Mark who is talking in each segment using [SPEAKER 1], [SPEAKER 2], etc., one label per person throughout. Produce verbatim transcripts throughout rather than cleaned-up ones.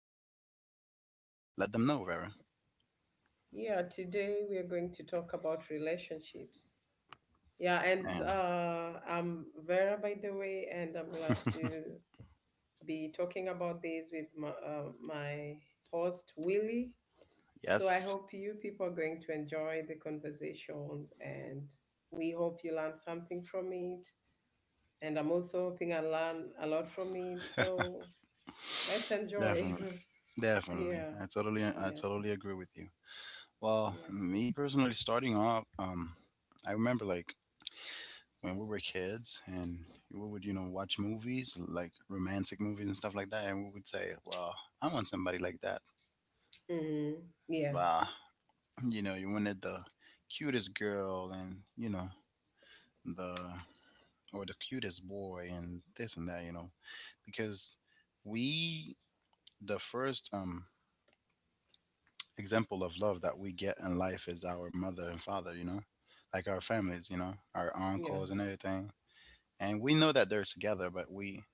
[SPEAKER 1] pretty good topic. Let them know, Vera.
[SPEAKER 2] Yeah, today we are going to talk about relationships. Yeah, and
[SPEAKER 1] And
[SPEAKER 2] uh, I'm Vera, by the way, and I'm glad to be talking about this with my, uh, my host, Willie. So I
[SPEAKER 1] yes.
[SPEAKER 2] hope you people are going to enjoy the conversations, and we hope you learn something from it. And I'm also hoping I learn a lot from it. So let's enjoy.
[SPEAKER 1] Definitely. Definitely.
[SPEAKER 2] Yeah.
[SPEAKER 1] I totally I
[SPEAKER 2] Yes.
[SPEAKER 1] totally agree with you. Well,
[SPEAKER 2] Yes.
[SPEAKER 1] me personally, starting off, um, I remember, like, when we were kids and we would, you know, watch movies, like romantic movies and stuff like that, and we would say, "Well, I want somebody like that."
[SPEAKER 2] Mm. Yes.
[SPEAKER 1] Bah, you know, you wanted the cutest girl, and, you know, the or the cutest boy and this and that, you know, because we the first um example of love that we get in life is our mother and father, you know, like our families, you know, our uncles
[SPEAKER 2] Yes.
[SPEAKER 1] and everything. And we know that they're together, but we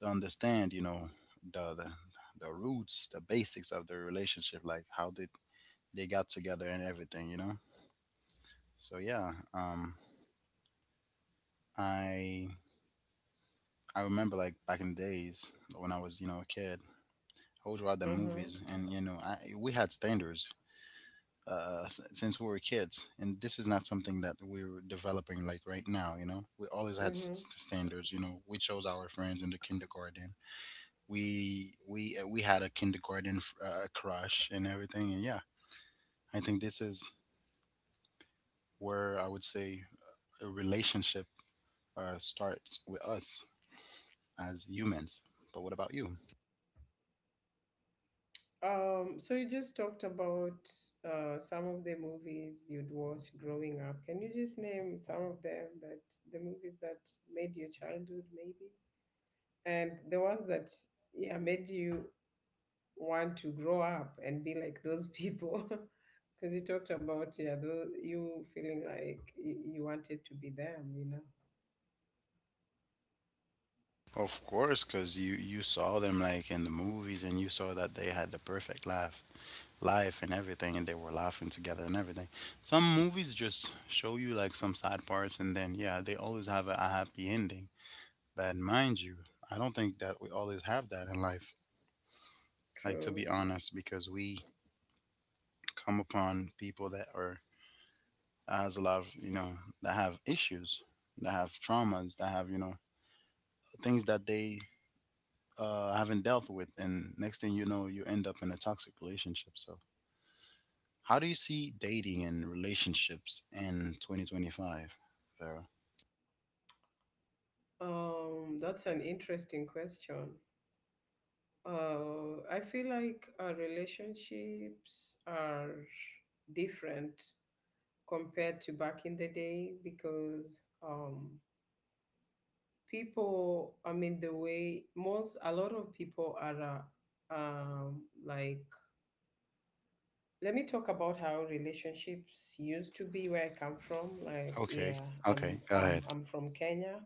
[SPEAKER 1] don't understand, you know, the the, the roots, the basics of the relationship, like how they they got together and everything, you know. So yeah, um, I I remember, like, back in the days when I was, you know, a kid, I would watch the
[SPEAKER 2] Uh-huh.
[SPEAKER 1] movies, and, you know, I we had standards uh, since we were kids, and this is not something that we are developing, like, right now. You know, we always had s-
[SPEAKER 2] Mm-hmm.
[SPEAKER 1] s- standards. You know, we chose our friends in the kindergarten. We we uh, we had a kindergarten f- uh, crush and everything, and yeah, I think this is where I would say a relationship uh, starts with us as humans. But what about you?
[SPEAKER 2] Um, so you just talked about uh some of the movies you'd watch growing up. Can you just name some of them, that the movies that made your childhood maybe? And the ones that yeah made you want to grow up and be like those people. Because you talked about, yeah, those, you feeling like you, you wanted to be them, you know.
[SPEAKER 1] Of course, because you you saw them like in the movies, and you saw that they had the perfect laugh. Life and everything, and they were laughing together and everything. Some movies just show you like some sad parts, and then yeah, they always have a, a happy ending. But mind you, I don't think that we always have that in life. Like, to
[SPEAKER 2] True.
[SPEAKER 1] be honest, because we come upon people that are that has a lot of, you know, that have issues, that have traumas, that have, you know, things that they uh, haven't dealt with, and next thing you know, you end up in a toxic relationship. So how do you see dating and relationships in twenty twenty-five, Vera?
[SPEAKER 2] Um, that's an interesting question. Uh, I feel like our relationships are different compared to back in the day because um, people, I mean, the way most, a lot of people are uh, um, like, let me talk about how relationships used to be where I come from. Like,
[SPEAKER 1] Okay,
[SPEAKER 2] yeah, I'm,
[SPEAKER 1] okay, go
[SPEAKER 2] I'm,
[SPEAKER 1] ahead.
[SPEAKER 2] I'm from Kenya.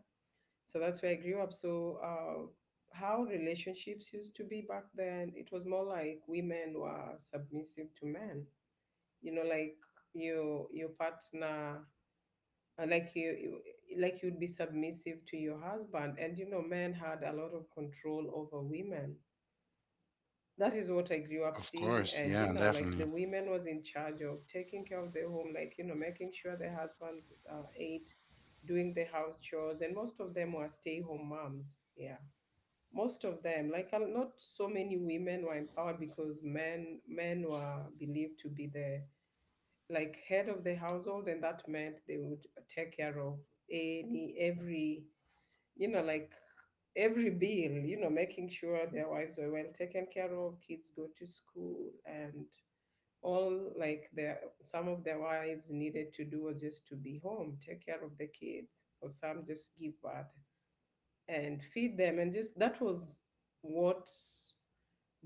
[SPEAKER 2] So that's where I grew up. So uh, how relationships used to be back then, it was more like women were submissive to men. You know, like your your partner, uh, like you, you- like you'd be submissive to your husband, and you know, men had a lot of control over women. That is what I grew up
[SPEAKER 1] Of
[SPEAKER 2] seeing,
[SPEAKER 1] course,
[SPEAKER 2] and you
[SPEAKER 1] yeah,
[SPEAKER 2] know, like the
[SPEAKER 1] definitely.
[SPEAKER 2] women was in charge of taking care of their home, like you know, making sure their husbands uh, ate, doing the house chores, and most of them were stay home moms. Yeah, most of them like uh, not so many women were empowered because men men were believed to be the like head of the household, and that meant they would take care of any every, you know, like every bill, you know, making sure their wives are well taken care of, kids go to school, and all like their some of their wives needed to do was just to be home, take care of the kids, for some just give birth and feed them, and just that was what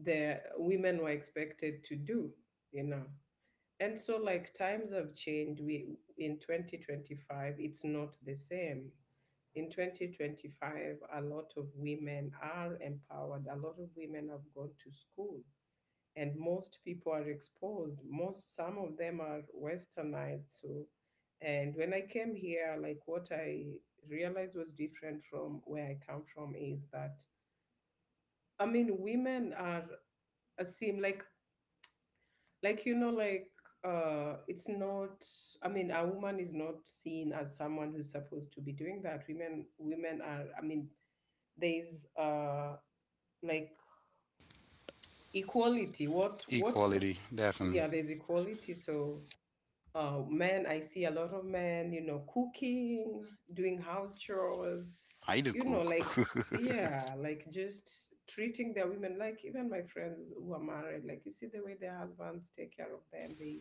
[SPEAKER 2] the women were expected to do, you know. And so like times have changed. We in twenty twenty-five, it's not the same. In twenty twenty-five, a lot of women are empowered, a lot of women have gone to school, and most people are exposed, most some of them are westernized. So and when I came here, like what I realized was different from where I come from is that I mean women are uh, seem like like you know like, uh it's not, I mean, a woman is not seen as someone who's supposed to be doing that. Women women are, I mean, there's uh like equality. What what?
[SPEAKER 1] Equality, definitely.
[SPEAKER 2] Yeah, there's equality. So uh men, I see a lot of men, you know, cooking, doing house chores,
[SPEAKER 1] I do
[SPEAKER 2] you know,
[SPEAKER 1] cook.
[SPEAKER 2] like, yeah, like just treating their women like, even my friends who are married, like you see the way their husbands take care of them, they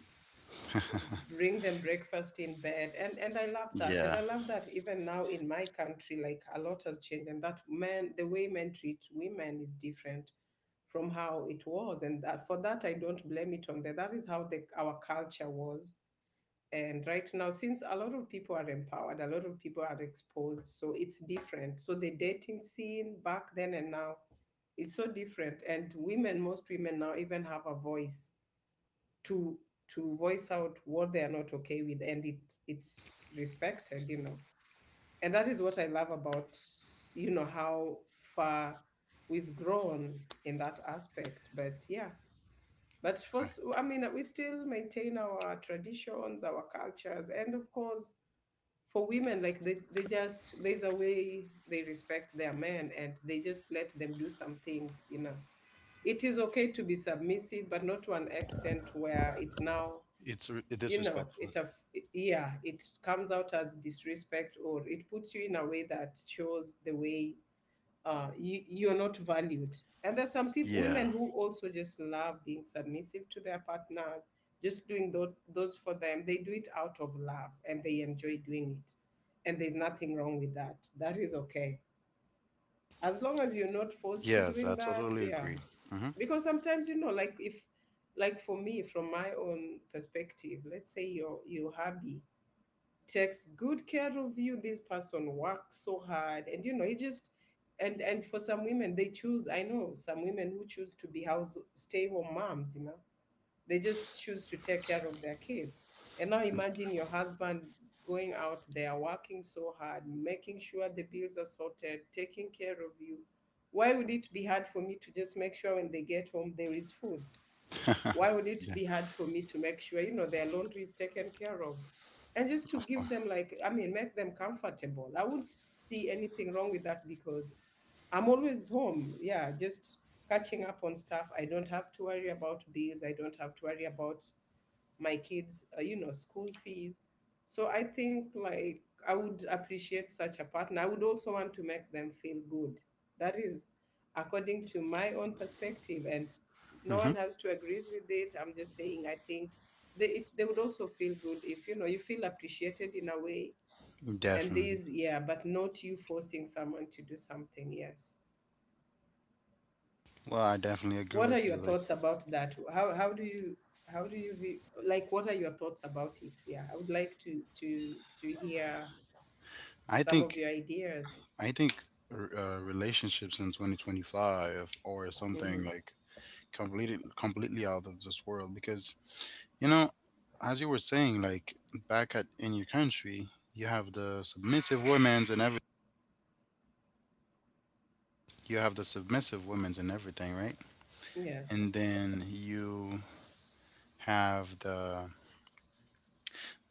[SPEAKER 2] bring them breakfast in bed, and and I love that, and
[SPEAKER 1] Yeah,
[SPEAKER 2] I love that even now in my country. Like a lot has changed, and that men, the way men treat women is different from how it was, and that for that I don't blame it on them. That is how the, our culture was. And right now, since a lot of people are empowered, a lot of people are exposed, so it's different. So the dating scene back then and now is so different, and women, most women now, even have a voice to to voice out what they are not okay with, and it it's respected, you know. And that is what I love about, you know, how far we've grown in that aspect. But yeah, but first,
[SPEAKER 1] I-
[SPEAKER 2] I mean, we still maintain our traditions, our cultures, and of course, for women like, they, they just there's a way they respect their men and they just let them do some things, you know. It is okay to be submissive, but not to an extent where it now,
[SPEAKER 1] it's r-
[SPEAKER 2] you know,
[SPEAKER 1] disrespectful.
[SPEAKER 2] it of, yeah, it comes out as disrespect, or it puts you in a way that shows the way uh you, you're not valued. And there's some people,
[SPEAKER 1] Yeah,
[SPEAKER 2] women, who also just love being submissive to their partners, just doing those, those for them. They do it out of love, and they enjoy doing it, and there's nothing wrong with that. That is okay, as long as you're not forced to
[SPEAKER 1] yes,
[SPEAKER 2] doing
[SPEAKER 1] I
[SPEAKER 2] that.
[SPEAKER 1] totally
[SPEAKER 2] Yeah,
[SPEAKER 1] agree. Mm-hmm.
[SPEAKER 2] because sometimes you know, like if, like for me, from my own perspective, let's say your your hubby takes good care of you, this person works so hard, and you know he just, and and for some women they choose, I know some women who choose to be house stay home moms, you know, they just choose to take care of their kids. And now imagine your husband going out there working so hard, making sure the bills are sorted, taking care of you. Why would it be hard for me to just make sure when they get home there is food? Why would it
[SPEAKER 1] Yeah,
[SPEAKER 2] be hard for me to make sure you know their laundry is taken care of, and just to
[SPEAKER 1] of course.
[SPEAKER 2] give them, like I mean, make them comfortable? I wouldn't see anything wrong with that, because I'm always home, yeah, just catching up on stuff. I don't have to worry about bills, I don't have to worry about my kids, uh, you know, school fees. So I think like I would appreciate such a partner. I would also want to make them feel good. That is according to my own perspective, and no
[SPEAKER 1] Mm-hmm.
[SPEAKER 2] one has to agrees with it. I'm just saying I think they it, they would also feel good if you know you feel appreciated in a way. And
[SPEAKER 1] Definitely.
[SPEAKER 2] this, yeah, but not you forcing someone to do something. Yes.
[SPEAKER 1] Well, I definitely agree
[SPEAKER 2] What are
[SPEAKER 1] with
[SPEAKER 2] your
[SPEAKER 1] you. Like,
[SPEAKER 2] thoughts about that? How how do you, how do you view, like what are your thoughts about it? Yeah, I would like to to to hear
[SPEAKER 1] I
[SPEAKER 2] some of
[SPEAKER 1] think,
[SPEAKER 2] your ideas.
[SPEAKER 1] I think r- uh, relationships in twenty twenty-five or something
[SPEAKER 2] Hmm.
[SPEAKER 1] like completely completely out of this world, because, you know, as you were saying, like, back at in your country you have the submissive women's and every you have the submissive women's and everything, right?
[SPEAKER 2] Yes.
[SPEAKER 1] And then you have the,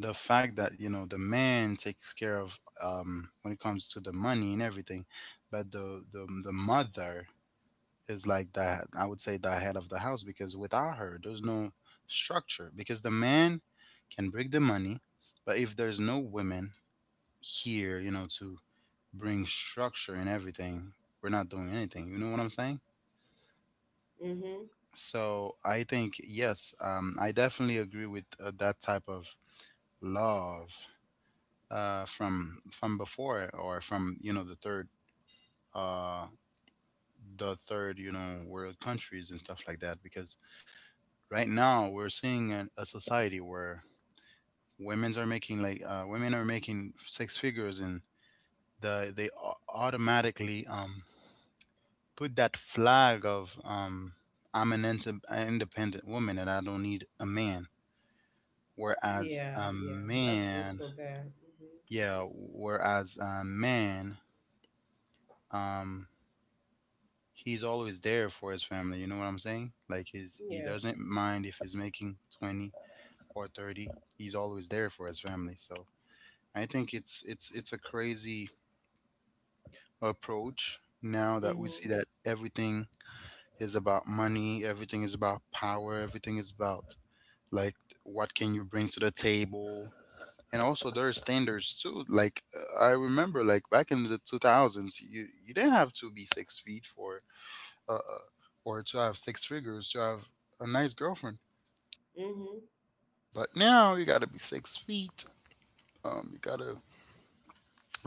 [SPEAKER 1] the fact that, you know, the man takes care of um when it comes to the money and everything, but the the, the mother is like the, I would say, the head of the house, because without her, there's no structure. Because the man can bring the money, but if there's no women here, you know, to bring structure and everything, we're not doing anything. You know what I'm saying?
[SPEAKER 2] Hmm.
[SPEAKER 1] So I think yes, um, I definitely agree with uh, that type of love uh, from from before, or from, you know, the third uh, the third, you know, world countries and stuff like that, because right now we're seeing a, a society where women's are making like uh, women are making six figures, and the they au- automatically um put that flag of um I'm an inte- an independent woman and I don't need a man, whereas
[SPEAKER 2] Yeah,
[SPEAKER 1] a
[SPEAKER 2] yeah. That's
[SPEAKER 1] man
[SPEAKER 2] also there. Hmm.
[SPEAKER 1] yeah whereas a man um he's always there for his family, you know what I'm saying, like his he doesn't
[SPEAKER 2] Yes.
[SPEAKER 1] mind if he's making twenty or thirty, he's always there for his family. So I think it's it's it's a crazy approach now, that we see
[SPEAKER 2] Hmm.
[SPEAKER 1] that everything is about money, everything is about power, everything is about, like, what can you bring to the table. And also there are standards too. Like uh, I remember, like, back in the two thousands you you didn't have to be six feet for uh uh, or to have six figures to have a nice girlfriend.
[SPEAKER 2] Hmm.
[SPEAKER 1] But now you got to be six feet. Um you got to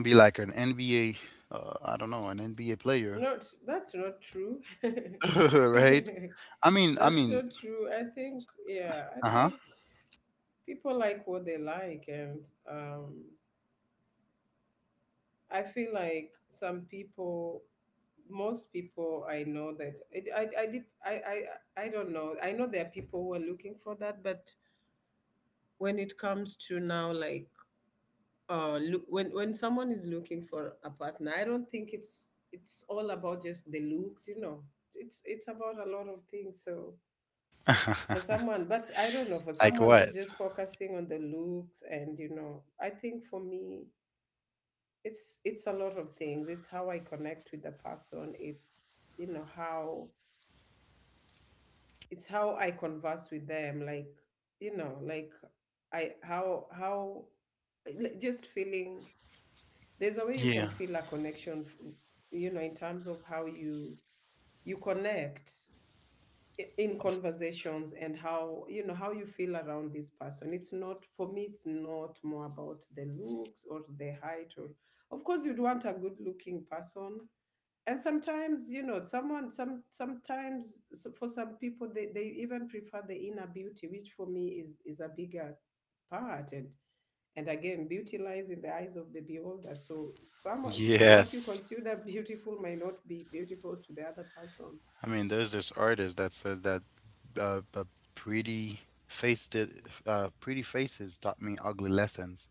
[SPEAKER 1] be like an N B A uh, I don't know, an N B A player.
[SPEAKER 2] Not, that's not true.
[SPEAKER 1] Right? I mean, I
[SPEAKER 2] That's
[SPEAKER 1] mean,
[SPEAKER 2] not true. I think, yeah, I
[SPEAKER 1] uh huh.
[SPEAKER 2] think people like what they like, and um, I feel like some people, most people I know that it, I, I, did, I, I, I don't know. I know there are people who are looking for that, but when it comes to now, like, uh, look, when, when someone is looking for a partner, I don't think it's, it's all about just the looks, you know, it's, it's about a lot of things. So for someone, but I don't know, for
[SPEAKER 1] Like
[SPEAKER 2] someone
[SPEAKER 1] what?
[SPEAKER 2] who's just focusing on the looks, and you know, I think for me, it's it's a lot of things. It's how I connect with the person. It's, you know, how it's how I converse with them, like you know, like I how how like, just feeling, there's a way you
[SPEAKER 1] Yeah.
[SPEAKER 2] can feel a connection f- you know, in terms of how you you connect i- in
[SPEAKER 1] Of-
[SPEAKER 2] conversations, and how you know how you feel around this person. It's not for me, it's not more about the looks or the height or, of course you'd want a good looking person. And sometimes you know someone some sometimes, so for some people they, they even prefer the inner beauty, which for me is is a bigger part. and and again, beauty lies in the eyes of the beholder. So some, what you
[SPEAKER 1] Yes.
[SPEAKER 2] consider beautiful may not be beautiful to the other person.
[SPEAKER 1] I mean, there's this artist that says that uh, uh pretty faced it, uh, pretty faces taught me ugly lessons.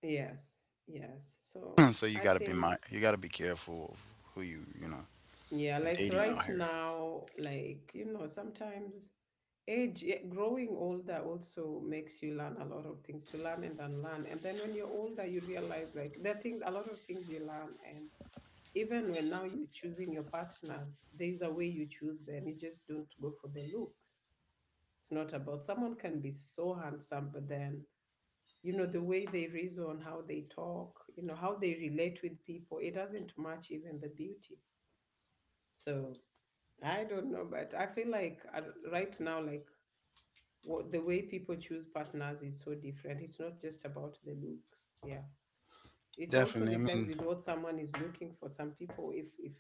[SPEAKER 2] Yes, yes. So
[SPEAKER 1] So you
[SPEAKER 2] I
[SPEAKER 1] gotta be
[SPEAKER 2] think,
[SPEAKER 1] my, you gotta be careful of who you, you know,
[SPEAKER 2] yeah,
[SPEAKER 1] you're
[SPEAKER 2] like
[SPEAKER 1] dating
[SPEAKER 2] right
[SPEAKER 1] out here.
[SPEAKER 2] now, like, you know, sometimes age, eh, growing older also makes you learn a lot of things to learn and unlearn. And then when you're older, you realize like there are things, a lot of things you learn. And even when now you're choosing your partners, there is a way you choose them. You just don't go for the looks. It's not about someone can be so handsome, but then you know the way they reason, how they talk, you know how they relate with people, it doesn't match even the beauty. So I don't know, but I feel like uh, right now, like what the way people choose partners is so different. It's not just about the looks. Yeah, it also
[SPEAKER 1] Definitely. I
[SPEAKER 2] depends
[SPEAKER 1] mean,
[SPEAKER 2] with what someone is looking for. Some people, if if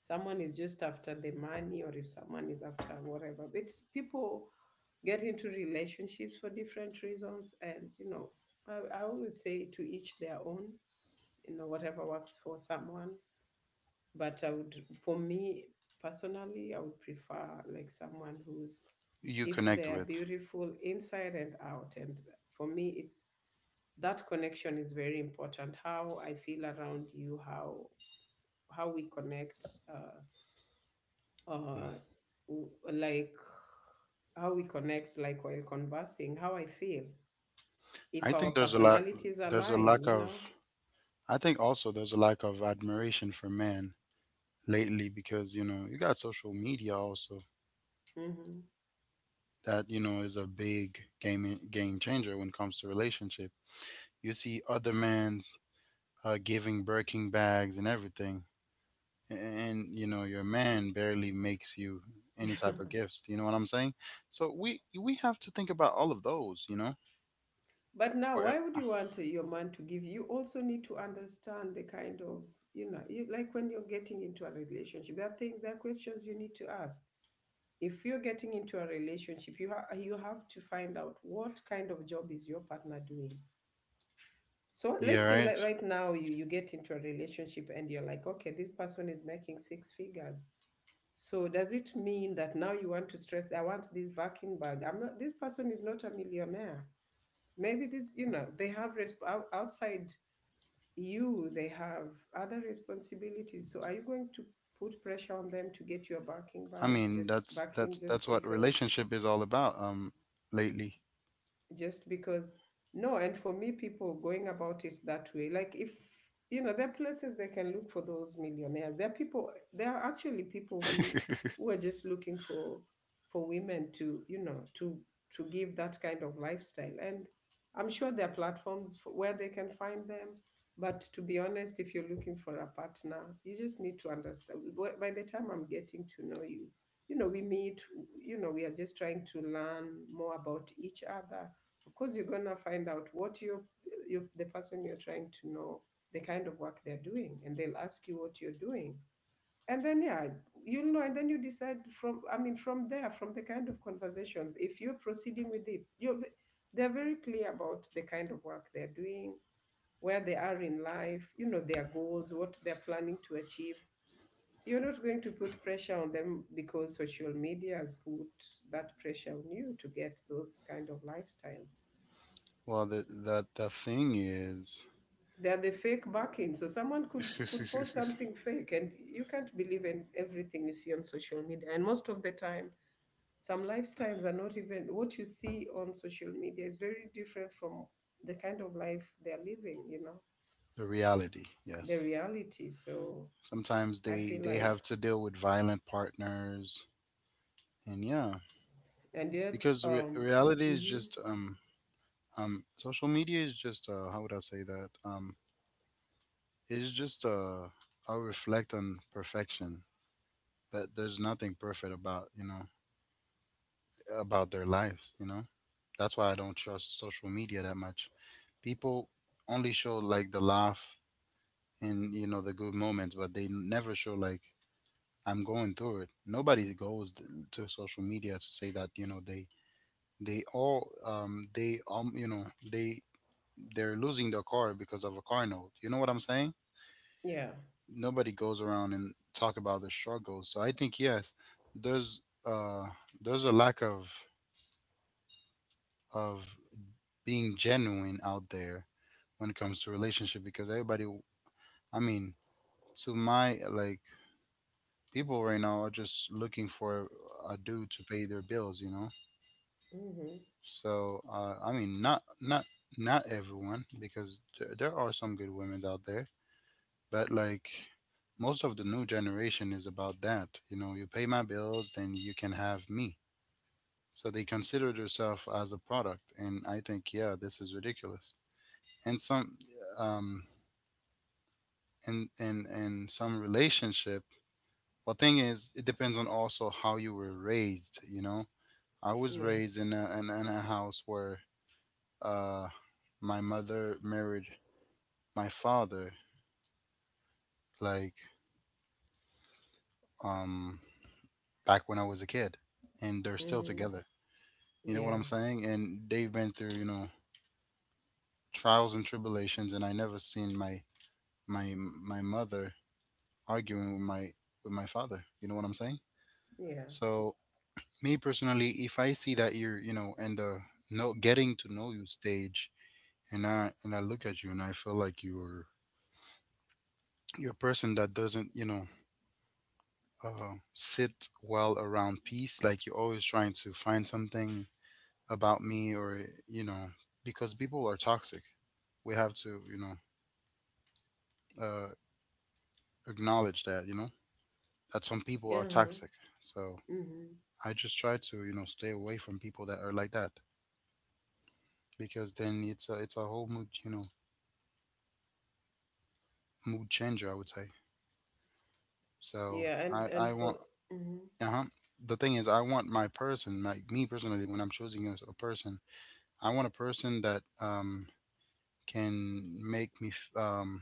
[SPEAKER 2] someone is just after the money, or if someone is after whatever, but people get into relationships for different reasons, and you know, I, I always say to each their own. You know, whatever works for someone. But I would, for me personally, I would prefer like someone who's
[SPEAKER 1] you
[SPEAKER 2] if
[SPEAKER 1] connect
[SPEAKER 2] they are
[SPEAKER 1] with.
[SPEAKER 2] beautiful inside and out. And for me, it's that connection is very important. How I feel around you, how how we connect uh uh w- like how we connect, like while conversing, how I feel if
[SPEAKER 1] I
[SPEAKER 2] our
[SPEAKER 1] think there's a lot.
[SPEAKER 2] personalities
[SPEAKER 1] There's a
[SPEAKER 2] align.
[SPEAKER 1] lack
[SPEAKER 2] you know
[SPEAKER 1] of. I think also there's a lack of admiration for men lately, because, you know, you got social media also
[SPEAKER 2] hmm
[SPEAKER 1] that, you know, is a big game game changer when it comes to relationship. You see other men's uh, giving Birkin bags and everything, and, you know, your man barely makes you any type of gifts. You know what I'm saying? So we we have to think about all of those. You know,
[SPEAKER 2] but now,
[SPEAKER 1] or,
[SPEAKER 2] why would
[SPEAKER 1] uh,
[SPEAKER 2] you want your man to give You also need to understand the kind of, you know, you, like when you're getting into a relationship there are things, there are questions you need to ask. If you're getting into a relationship you ha- you have to find out what kind of job is your partner doing. So
[SPEAKER 1] yeah,
[SPEAKER 2] let's say like
[SPEAKER 1] right.
[SPEAKER 2] right now you you get into a relationship and you're like, okay, this person is making six figures. So does it mean that now you want to stress, I want this backing bag? I'm not, this person is not a millionaire. Maybe this, you know, they have resp- ou- outside, you, they have other responsibilities. So are you going to put pressure on them to get you a backing
[SPEAKER 1] I
[SPEAKER 2] bag,
[SPEAKER 1] mean
[SPEAKER 2] just
[SPEAKER 1] that's
[SPEAKER 2] backing
[SPEAKER 1] that's that's
[SPEAKER 2] just
[SPEAKER 1] what
[SPEAKER 2] because,
[SPEAKER 1] relationship is all about. Um, lately.
[SPEAKER 2] just because? No, and for me, people going about it that way, like, if you know there are places they can look for those millionaires, there are people, there are actually people who who are just looking for for women to, you know, to to give that kind of lifestyle. And I'm sure there are platforms for, where they can find them. But to be honest, if you're looking for a partner, you just need to understand, by by the time I'm getting to know you, you know, we meet, you know, we are just trying to learn more about each other. Of course you're gonna find out what you're, you, the person you're trying to know, the kind of work they're doing, and they'll ask you what you're doing. And then yeah, you'll know, and then you decide from, I mean, from there, from the kind of conversations, if you're proceeding with it, you, they're very clear about the kind of work they're doing, where they are in life, you know, their goals, what they're planning to achieve. You're not going to put pressure on them because social media has put that pressure on you to get those kind of lifestyles.
[SPEAKER 1] Well, the the the thing is
[SPEAKER 2] They're the fake backing. So someone could
[SPEAKER 1] the
[SPEAKER 2] could post something fake, and you can't believe in everything you see on social media. And most of the time, some lifestyles are not even, what you see on social media is very different from the kind of life they're living. You know,
[SPEAKER 1] reality.
[SPEAKER 2] the
[SPEAKER 1] Yes.
[SPEAKER 2] reality. So
[SPEAKER 1] Sometimes
[SPEAKER 2] I
[SPEAKER 1] they
[SPEAKER 2] feel
[SPEAKER 1] they
[SPEAKER 2] like,
[SPEAKER 1] have to deal with violent partners and yeah,
[SPEAKER 2] and yet,
[SPEAKER 1] because re-
[SPEAKER 2] um,
[SPEAKER 1] reality is
[SPEAKER 2] mm-hmm,
[SPEAKER 1] just um um social media is just uh how would I say that um it's just uh I'll reflect on perfection, but there's nothing perfect about, you know, about their lives, you know. That's why I don't trust social media that much. People only show like the laugh and, you know, the good moments, but they never show like I'm going through it. Nobody goes th- to social media to say that, you know, they they all um they um you know they they're losing their car because of a car note. You know what I'm saying?
[SPEAKER 2] yeah,
[SPEAKER 1] Nobody goes around and talk about the struggles. So I think yes, there's uh there's a lack of of being genuine out there when it comes to relationship, because everybody, I mean, to my like, people right now are just looking for a dude to pay their bills, you know.
[SPEAKER 2] mm-hmm,
[SPEAKER 1] So uh, I mean, not not not everyone, because there, there are some good women out there, but like most of the new generation is about that. You know, you pay my bills, then you can have me. So they consider themselves as a product, and I think yeah, this is ridiculous. And some um and and and some relationship. Well, thing is, it depends on also how you were raised. You know, I was
[SPEAKER 2] yeah,
[SPEAKER 1] raised in a in, in a house where uh my mother married my father, like, um back when I was a kid, and they're still
[SPEAKER 2] mm-hmm,
[SPEAKER 1] together. You know what
[SPEAKER 2] yeah,
[SPEAKER 1] I'm saying? And they've been through, you know, trials and tribulations, and I never seen my my my mother arguing with my with my father. You know what I'm saying?
[SPEAKER 2] yeah,
[SPEAKER 1] So me personally, if I see that you're, you know, in the no getting to know you stage, and I and I look at you and I feel like you're you're a person that doesn't, you know, uh, sit well around peace. Like, you're always trying to find something about me or, you know, because people are toxic, we have to, you know, uh, acknowledge that, you know, that some people
[SPEAKER 2] uh
[SPEAKER 1] are
[SPEAKER 2] huh,
[SPEAKER 1] toxic. So
[SPEAKER 2] mm-hmm,
[SPEAKER 1] I just try to, you know, stay away from people that are like that, because then it's a it's a whole mood, you know, mood changer, I would say. So
[SPEAKER 2] yeah, and
[SPEAKER 1] i i
[SPEAKER 2] and for.
[SPEAKER 1] want
[SPEAKER 2] Mhm.
[SPEAKER 1] uh-huh, the thing is I want my person, like me personally, when I'm choosing a, a person, I want a person that um can make me f- um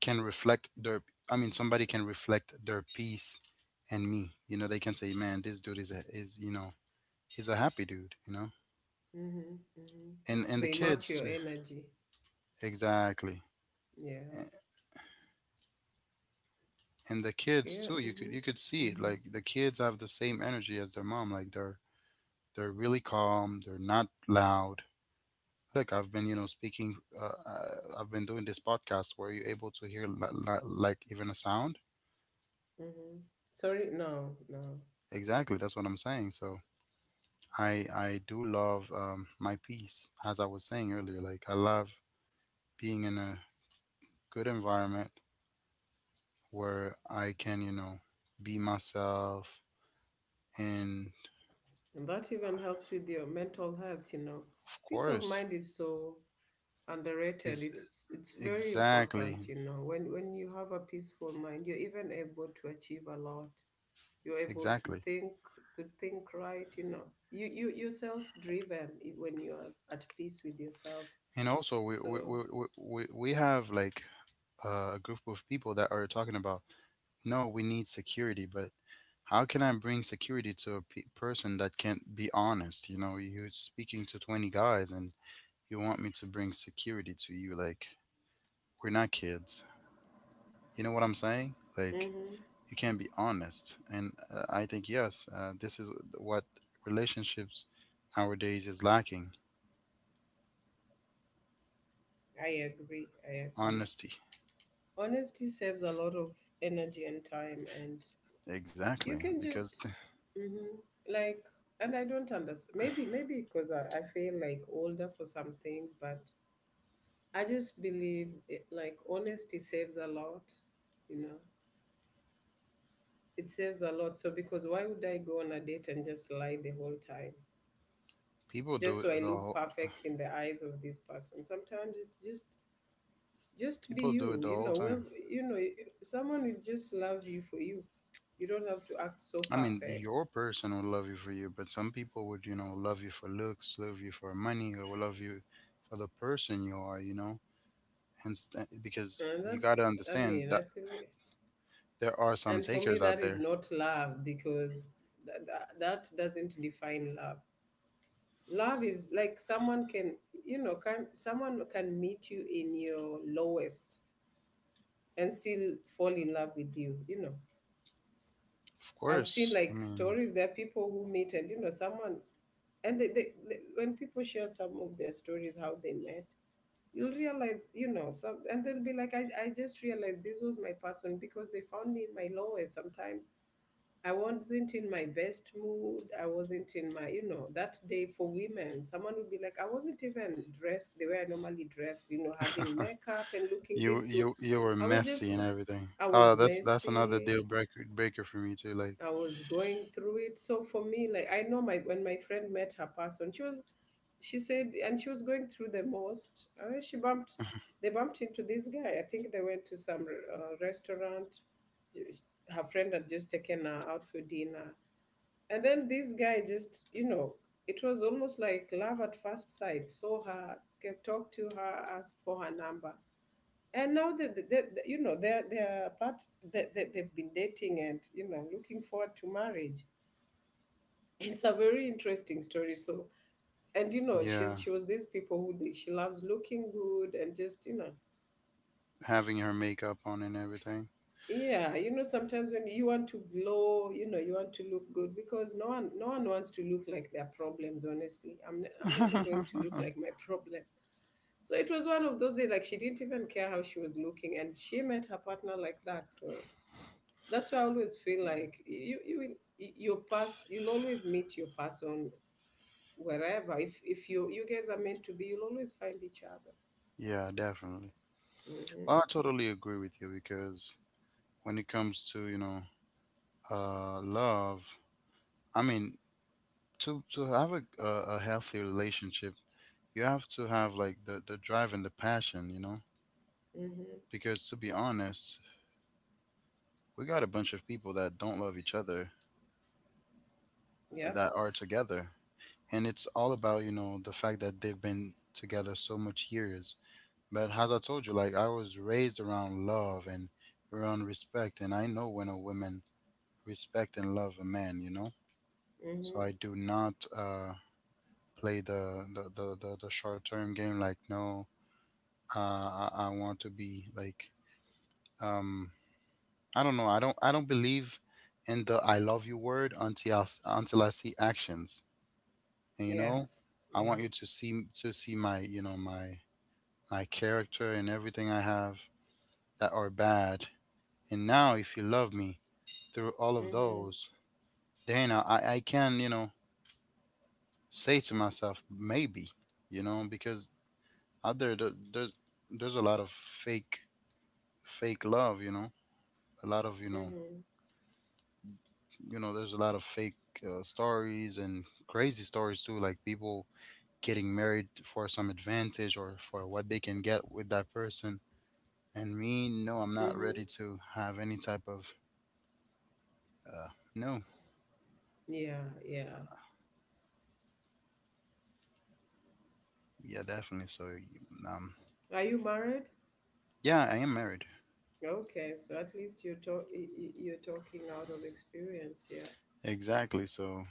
[SPEAKER 1] can reflect their, I mean, somebody can reflect their peace and me, you know, they can say man this dude is a is, you know, he's a happy dude, you know.
[SPEAKER 2] Mm-hmm. Mm-hmm.
[SPEAKER 1] and and the
[SPEAKER 2] They match
[SPEAKER 1] kids
[SPEAKER 2] your
[SPEAKER 1] too
[SPEAKER 2] energy.
[SPEAKER 1] exactly.
[SPEAKER 2] Yeah.
[SPEAKER 1] A- and the kids
[SPEAKER 2] Yeah.
[SPEAKER 1] too, you could
[SPEAKER 2] Mm-hmm.
[SPEAKER 1] you could see it,
[SPEAKER 2] Mm-hmm.
[SPEAKER 1] like the kids have the same energy as their mom, like they're they're really calm, they're not loud. Look, I've been, you know, speaking, uh, uh, I've been doing this podcast where you able to hear li- li- like even a sound
[SPEAKER 2] Mm-hmm. Sorry. No. No.
[SPEAKER 1] exactly, that's what I'm saying. So I I do love um, my peace, as I was saying earlier. Like I love being in a good environment where I can, you know, be myself, and
[SPEAKER 2] And that even helps with your mental health. You know,
[SPEAKER 1] of
[SPEAKER 2] peace of
[SPEAKER 1] course,
[SPEAKER 2] mind is so underrated.
[SPEAKER 1] is
[SPEAKER 2] It's it's
[SPEAKER 1] eh,
[SPEAKER 2] very
[SPEAKER 1] exactly
[SPEAKER 2] important. You know, when when you have a peaceful mind, you're even able to achieve a lot. You're able to
[SPEAKER 1] exactly.
[SPEAKER 2] think to think right. You know, you you you're self driven when you are at peace with yourself.
[SPEAKER 1] And also, we we
[SPEAKER 2] So.
[SPEAKER 1] we we, we we have like uh, a group of people that are talking about no, we need security, but how can I bring security to a pe- person that can't be honest? You know, you're speaking to twenty guys and you want me to bring security to you, like, we're not kids. You know what I'm saying? Like,
[SPEAKER 2] Mm-hmm.
[SPEAKER 1] you can't be honest. And uh, I think yes, uh, this is what relationships nowadays is lacking:
[SPEAKER 2] I agree. I agree.
[SPEAKER 1] honesty.
[SPEAKER 2] Honesty saves a lot of energy and time, and
[SPEAKER 1] Exactly,
[SPEAKER 2] you can
[SPEAKER 1] because th-
[SPEAKER 2] just, hmm like, and I don't understand. Maybe, maybe because I, I feel like older for some things, but I just believe it, like honesty saves a lot, you know, it saves a lot. So, because why would I go on a date and just lie the whole time?
[SPEAKER 1] people do
[SPEAKER 2] Just
[SPEAKER 1] it
[SPEAKER 2] so I
[SPEAKER 1] the
[SPEAKER 2] look
[SPEAKER 1] whole
[SPEAKER 2] perfect in the eyes of this person. Sometimes it's just just be
[SPEAKER 1] people do it
[SPEAKER 2] you.
[SPEAKER 1] the
[SPEAKER 2] You
[SPEAKER 1] whole
[SPEAKER 2] know, we,
[SPEAKER 1] time.
[SPEAKER 2] you know, someone will just love you for you. You don't have to act so
[SPEAKER 1] I mean,
[SPEAKER 2] perfect.
[SPEAKER 1] your person will love you for you, but some people would, you know, love you for looks, love you for money, or will love you for the person you are, you know. And st- because
[SPEAKER 2] And
[SPEAKER 1] you got to
[SPEAKER 2] that's, I
[SPEAKER 1] understand,
[SPEAKER 2] mean, I
[SPEAKER 1] the
[SPEAKER 2] believe,
[SPEAKER 1] there are some
[SPEAKER 2] and for me
[SPEAKER 1] takers out
[SPEAKER 2] that is
[SPEAKER 1] there.
[SPEAKER 2] not love, because that, that, that doesn't define love. Love is like someone can, you know, can, someone can meet you in your lowest and still fall in love with you, you know.
[SPEAKER 1] Of
[SPEAKER 2] I've seen
[SPEAKER 1] course. I
[SPEAKER 2] like
[SPEAKER 1] mean,
[SPEAKER 2] stories. There are people who meet and you know someone, and they, they, they, when people share some of their stories how they met, you'll realize, you know, some, and they'll be like, I, I just realized this was my person because they found me in my lowest. Sometimes I wasn't in my best mood. I wasn't in my, you know, that day. For women, someone would be like, I wasn't even dressed the way I normally dressed. You know, having makeup and looking
[SPEAKER 1] you
[SPEAKER 2] this good.
[SPEAKER 1] you you were
[SPEAKER 2] I was
[SPEAKER 1] messy and
[SPEAKER 2] just
[SPEAKER 1] everything.
[SPEAKER 2] I was
[SPEAKER 1] Oh, that's that's another
[SPEAKER 2] messy.
[SPEAKER 1] deal breaker breaker for me too. Like,
[SPEAKER 2] I was going through it. So for me, like, I know, my, when my friend met her person, she was, she said, and she was going through the most. And then she bumped they bumped into this guy. I think they went to some uh, restaurant. Her friend had just taken her out for dinner. And then this guy just, you know, it was almost like love at first sight. Saw her, kept talked to her, asked for her number. And now that the, the, the- you know, they're they're part, that they, they, they've been dating and, you know, looking forward to marriage. It's a very interesting story. So, and you know,
[SPEAKER 1] yeah,
[SPEAKER 2] she's she was these people who they, she loves looking good and just, you know,
[SPEAKER 1] having her makeup on and everything.
[SPEAKER 2] yeah, you know, sometimes when you want to glow, you know, you want to look good, because no one, no one wants to look like their problems. Honestly, i'm ne- I'm never going to look like my problem. So it was one of those days, like, she didn't even care how she was looking, and she met her partner like that. So that's why I always feel like you you will your pass you'll always meet your person wherever. If if you, you guys are meant to be, you'll always find each other.
[SPEAKER 1] Yeah, definitely.
[SPEAKER 2] Mm-hmm.
[SPEAKER 1] Well, I totally agree with you, because when it comes to, you know, uh love, I mean, to to have a a, a healthy relationship, you have to have like the the drive and the passion, you know.
[SPEAKER 2] Mm-hmm.
[SPEAKER 1] Because to be honest, we got a bunch of people that don't love each other,
[SPEAKER 2] Yep.
[SPEAKER 1] that are together, and it's all about, you know, the fact that they've been together so much years. But as I told you, like, I was raised around love and around respect, and I know when a woman respect and love a man, you know. So
[SPEAKER 2] Mm-hmm.
[SPEAKER 1] I do not uh play the the the, the, the short term game, like, no. Uh I, I want to be like, um I don't know, i don't i don't believe in the "I love you" word until I, s- until I see actions. And, you know,
[SPEAKER 2] Yes.
[SPEAKER 1] I want you
[SPEAKER 2] Yes.
[SPEAKER 1] to see to see my, you know, my my character and everything I have that are bad. And now if you love me through all of
[SPEAKER 2] Mm-hmm.
[SPEAKER 1] those, then i i can, you know, say to myself maybe, you know. Because out there, there there's there's a lot of fake fake love, you know, a lot of, you know,
[SPEAKER 2] Mm-hmm.
[SPEAKER 1] you know, there's a lot of fake uh, stories and crazy stories too, like people getting married for some advantage or for what they can get with that person. And me, no, I'm not
[SPEAKER 2] Mm-hmm.
[SPEAKER 1] ready to have any type of uh no.
[SPEAKER 2] Yeah. Yeah.
[SPEAKER 1] Yeah, definitely. So, um
[SPEAKER 2] Are you married?
[SPEAKER 1] yeah, I am married.
[SPEAKER 2] Okay, so at least you're talk y- y- you're talking out of experience, yeah.
[SPEAKER 1] Exactly. So,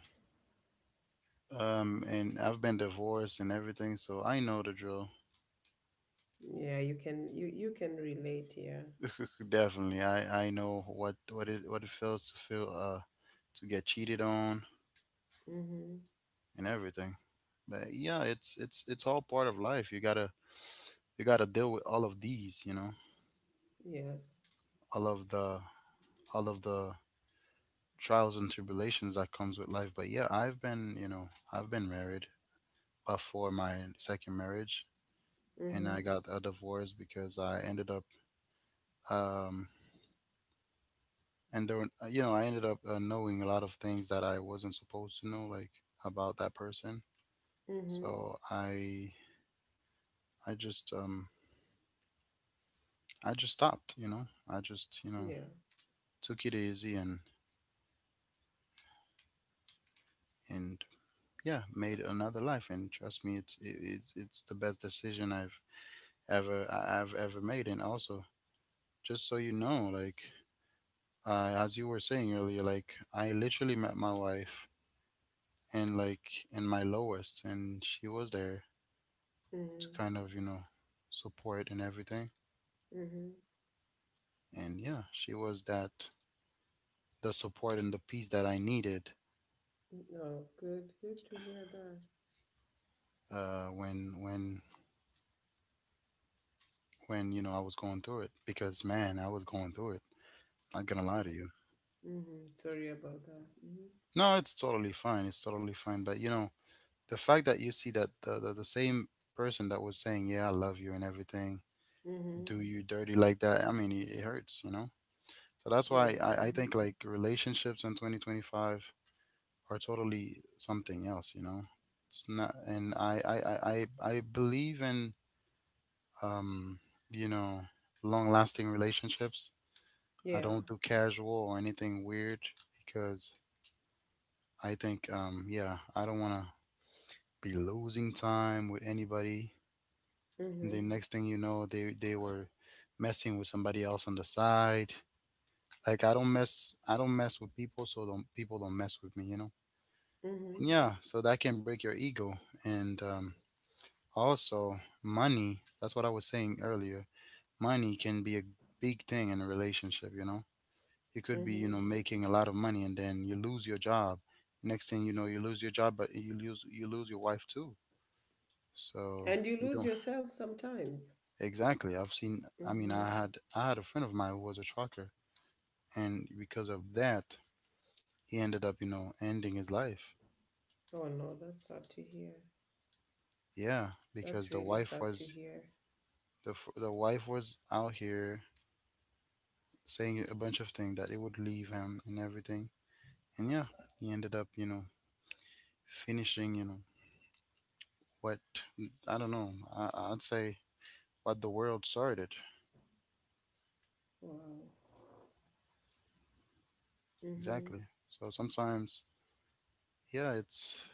[SPEAKER 1] um and I've been divorced and everything, so I know the drill.
[SPEAKER 2] Yeah, you can, you you can relate, yeah.
[SPEAKER 1] Definitely. I I know what what it what it feels to feel uh to get cheated on
[SPEAKER 2] Mm-hmm.
[SPEAKER 1] and everything. But yeah, it's it's it's all part of life. You got to you got to deal with all of these, you know.
[SPEAKER 2] Yes.
[SPEAKER 1] All of the all of the trials and tribulations that comes with life. But yeah, I've been, you know, I've been married before my second marriage, and
[SPEAKER 2] Mm-hmm.
[SPEAKER 1] I got a divorce because I ended up, um, and there, were- you know, I ended up, uh, knowing a lot of things that I wasn't supposed to know, like, about that person.
[SPEAKER 2] Mm-hmm.
[SPEAKER 1] So I, I just, um, I just stopped. You know, I just, you know,
[SPEAKER 2] Yeah.
[SPEAKER 1] took it easy and and yeah, made another life. And trust me, it's it- it's it's the best decision I've ever I- I've ever made. And also, just so you know, like, uh, as you were saying earlier, like, I literally met my wife, and like, in my lowest, and she was there to
[SPEAKER 2] Mm-hmm.
[SPEAKER 1] kind of, you know, support and everything.
[SPEAKER 2] Mm-hmm.
[SPEAKER 1] And yeah, she was that the support and the peace that I needed,
[SPEAKER 2] No, good, good to hear that.
[SPEAKER 1] uh, when when when, you know, I was going through it, because man, I was going through it. Not gonna lie to you.
[SPEAKER 2] Mm-hmm. Sorry about that. Mm-hmm.
[SPEAKER 1] No, it's totally fine. It's totally fine. But you know, the fact that you see that the, the, the same person that was saying, "Yeah, I love you" and everything,
[SPEAKER 2] Mm-hmm.
[SPEAKER 1] do you dirty like that. I mean, it, it hurts, you know? So that's why
[SPEAKER 2] Yes.
[SPEAKER 1] I, I
[SPEAKER 2] Mm-hmm.
[SPEAKER 1] think, like, relationships in twenty twenty-five are totally something else, you know? It's not, and I, I, I, I I believe in, um, you know, long lasting relationships. I
[SPEAKER 2] Yeah.
[SPEAKER 1] don't do casual or anything weird, because I think, um, yeah, I don't want to be losing time with anybody. And
[SPEAKER 2] Mm-hmm.
[SPEAKER 1] then next thing you know, they, they were messing with somebody else on the side. Like, I don't mess I don't mess with people, so don't people don't mess with me, you know?
[SPEAKER 2] Mm-hmm.
[SPEAKER 1] And yeah, so that can break your ego. And um also money, that's what I was saying earlier. Money can be a big thing in a relationship, you know? You could be, you know,
[SPEAKER 2] Mm-hmm.
[SPEAKER 1] making a lot of money and then you lose your job. Next thing you know, you lose your job, but you lose you lose your wife too. So
[SPEAKER 2] And you
[SPEAKER 1] you
[SPEAKER 2] lose
[SPEAKER 1] don't
[SPEAKER 2] yourself sometimes.
[SPEAKER 1] exactly. I've seen, I mean,
[SPEAKER 2] Mm-hmm.
[SPEAKER 1] I had I had a friend of mine who was a trucker, and because of that, he ended up, you know, ending his life.
[SPEAKER 2] Oh no, that's sad to hear.
[SPEAKER 1] Yeah, because
[SPEAKER 2] That's
[SPEAKER 1] the
[SPEAKER 2] really
[SPEAKER 1] wife
[SPEAKER 2] sad to
[SPEAKER 1] was,
[SPEAKER 2] hear.
[SPEAKER 1] the f- the wife was out here saying a bunch of things that it would leave him and everything. And yeah, he ended up, you know, finishing, you know, what, I don't know. I, I'd say what the world started,
[SPEAKER 2] Wow. Mm-hmm.
[SPEAKER 1] exactly. So sometimes, yeah, it's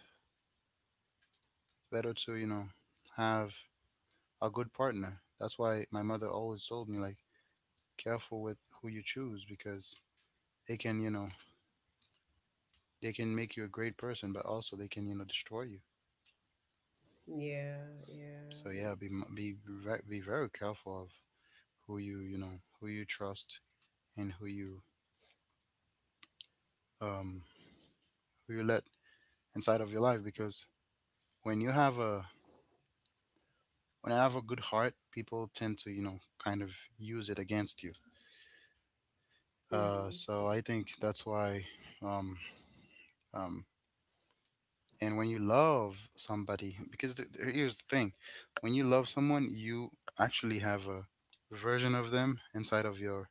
[SPEAKER 1] better to, you know, have a good partner. That's why my mother always told me, like, careful with who you choose, because they can, you know, they can make you a great person, but also they can, you know, destroy you.
[SPEAKER 2] Yeah, yeah.
[SPEAKER 1] So yeah, be m- be ve- be very careful of who you, you know, who you trust and who you um who you let inside of your life. Because when you have a, when I have a good heart, people tend to, you know, kind of use it against you. Uh,
[SPEAKER 2] Mm-hmm.
[SPEAKER 1] so I think that's why um um and when you love somebody, because th- th- here's the thing, when you love someone, you actually have a version of them inside of your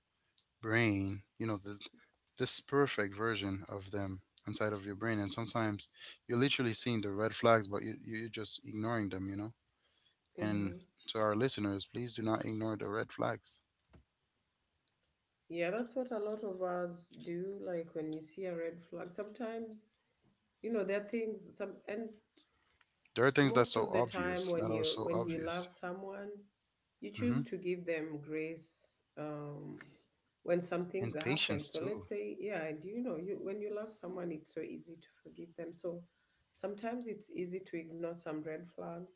[SPEAKER 1] brain, you know, the, this perfect version of them inside of your brain. And sometimes you're literally seeing the red flags, but you, you- you're just ignoring them, you know? And
[SPEAKER 2] Mm-hmm.
[SPEAKER 1] to our listeners, please do not ignore the red flags.
[SPEAKER 2] Yeah, that's what a lot of us do. Like when you see a red flag, sometimes, you know, there are things, some, and
[SPEAKER 1] There are things that's
[SPEAKER 2] most
[SPEAKER 1] so
[SPEAKER 2] of the time
[SPEAKER 1] obvious,
[SPEAKER 2] when
[SPEAKER 1] that are
[SPEAKER 2] you
[SPEAKER 1] so
[SPEAKER 2] when you love
[SPEAKER 1] obvious.
[SPEAKER 2] someone, you choose
[SPEAKER 1] Hmm.
[SPEAKER 2] to give them grace, um when some things
[SPEAKER 1] And
[SPEAKER 2] happen.
[SPEAKER 1] patience,
[SPEAKER 2] So
[SPEAKER 1] too.
[SPEAKER 2] let's say, yeah, do you know, you, when you love someone, it's so easy to forgive them. So sometimes it's easy to ignore some red flags,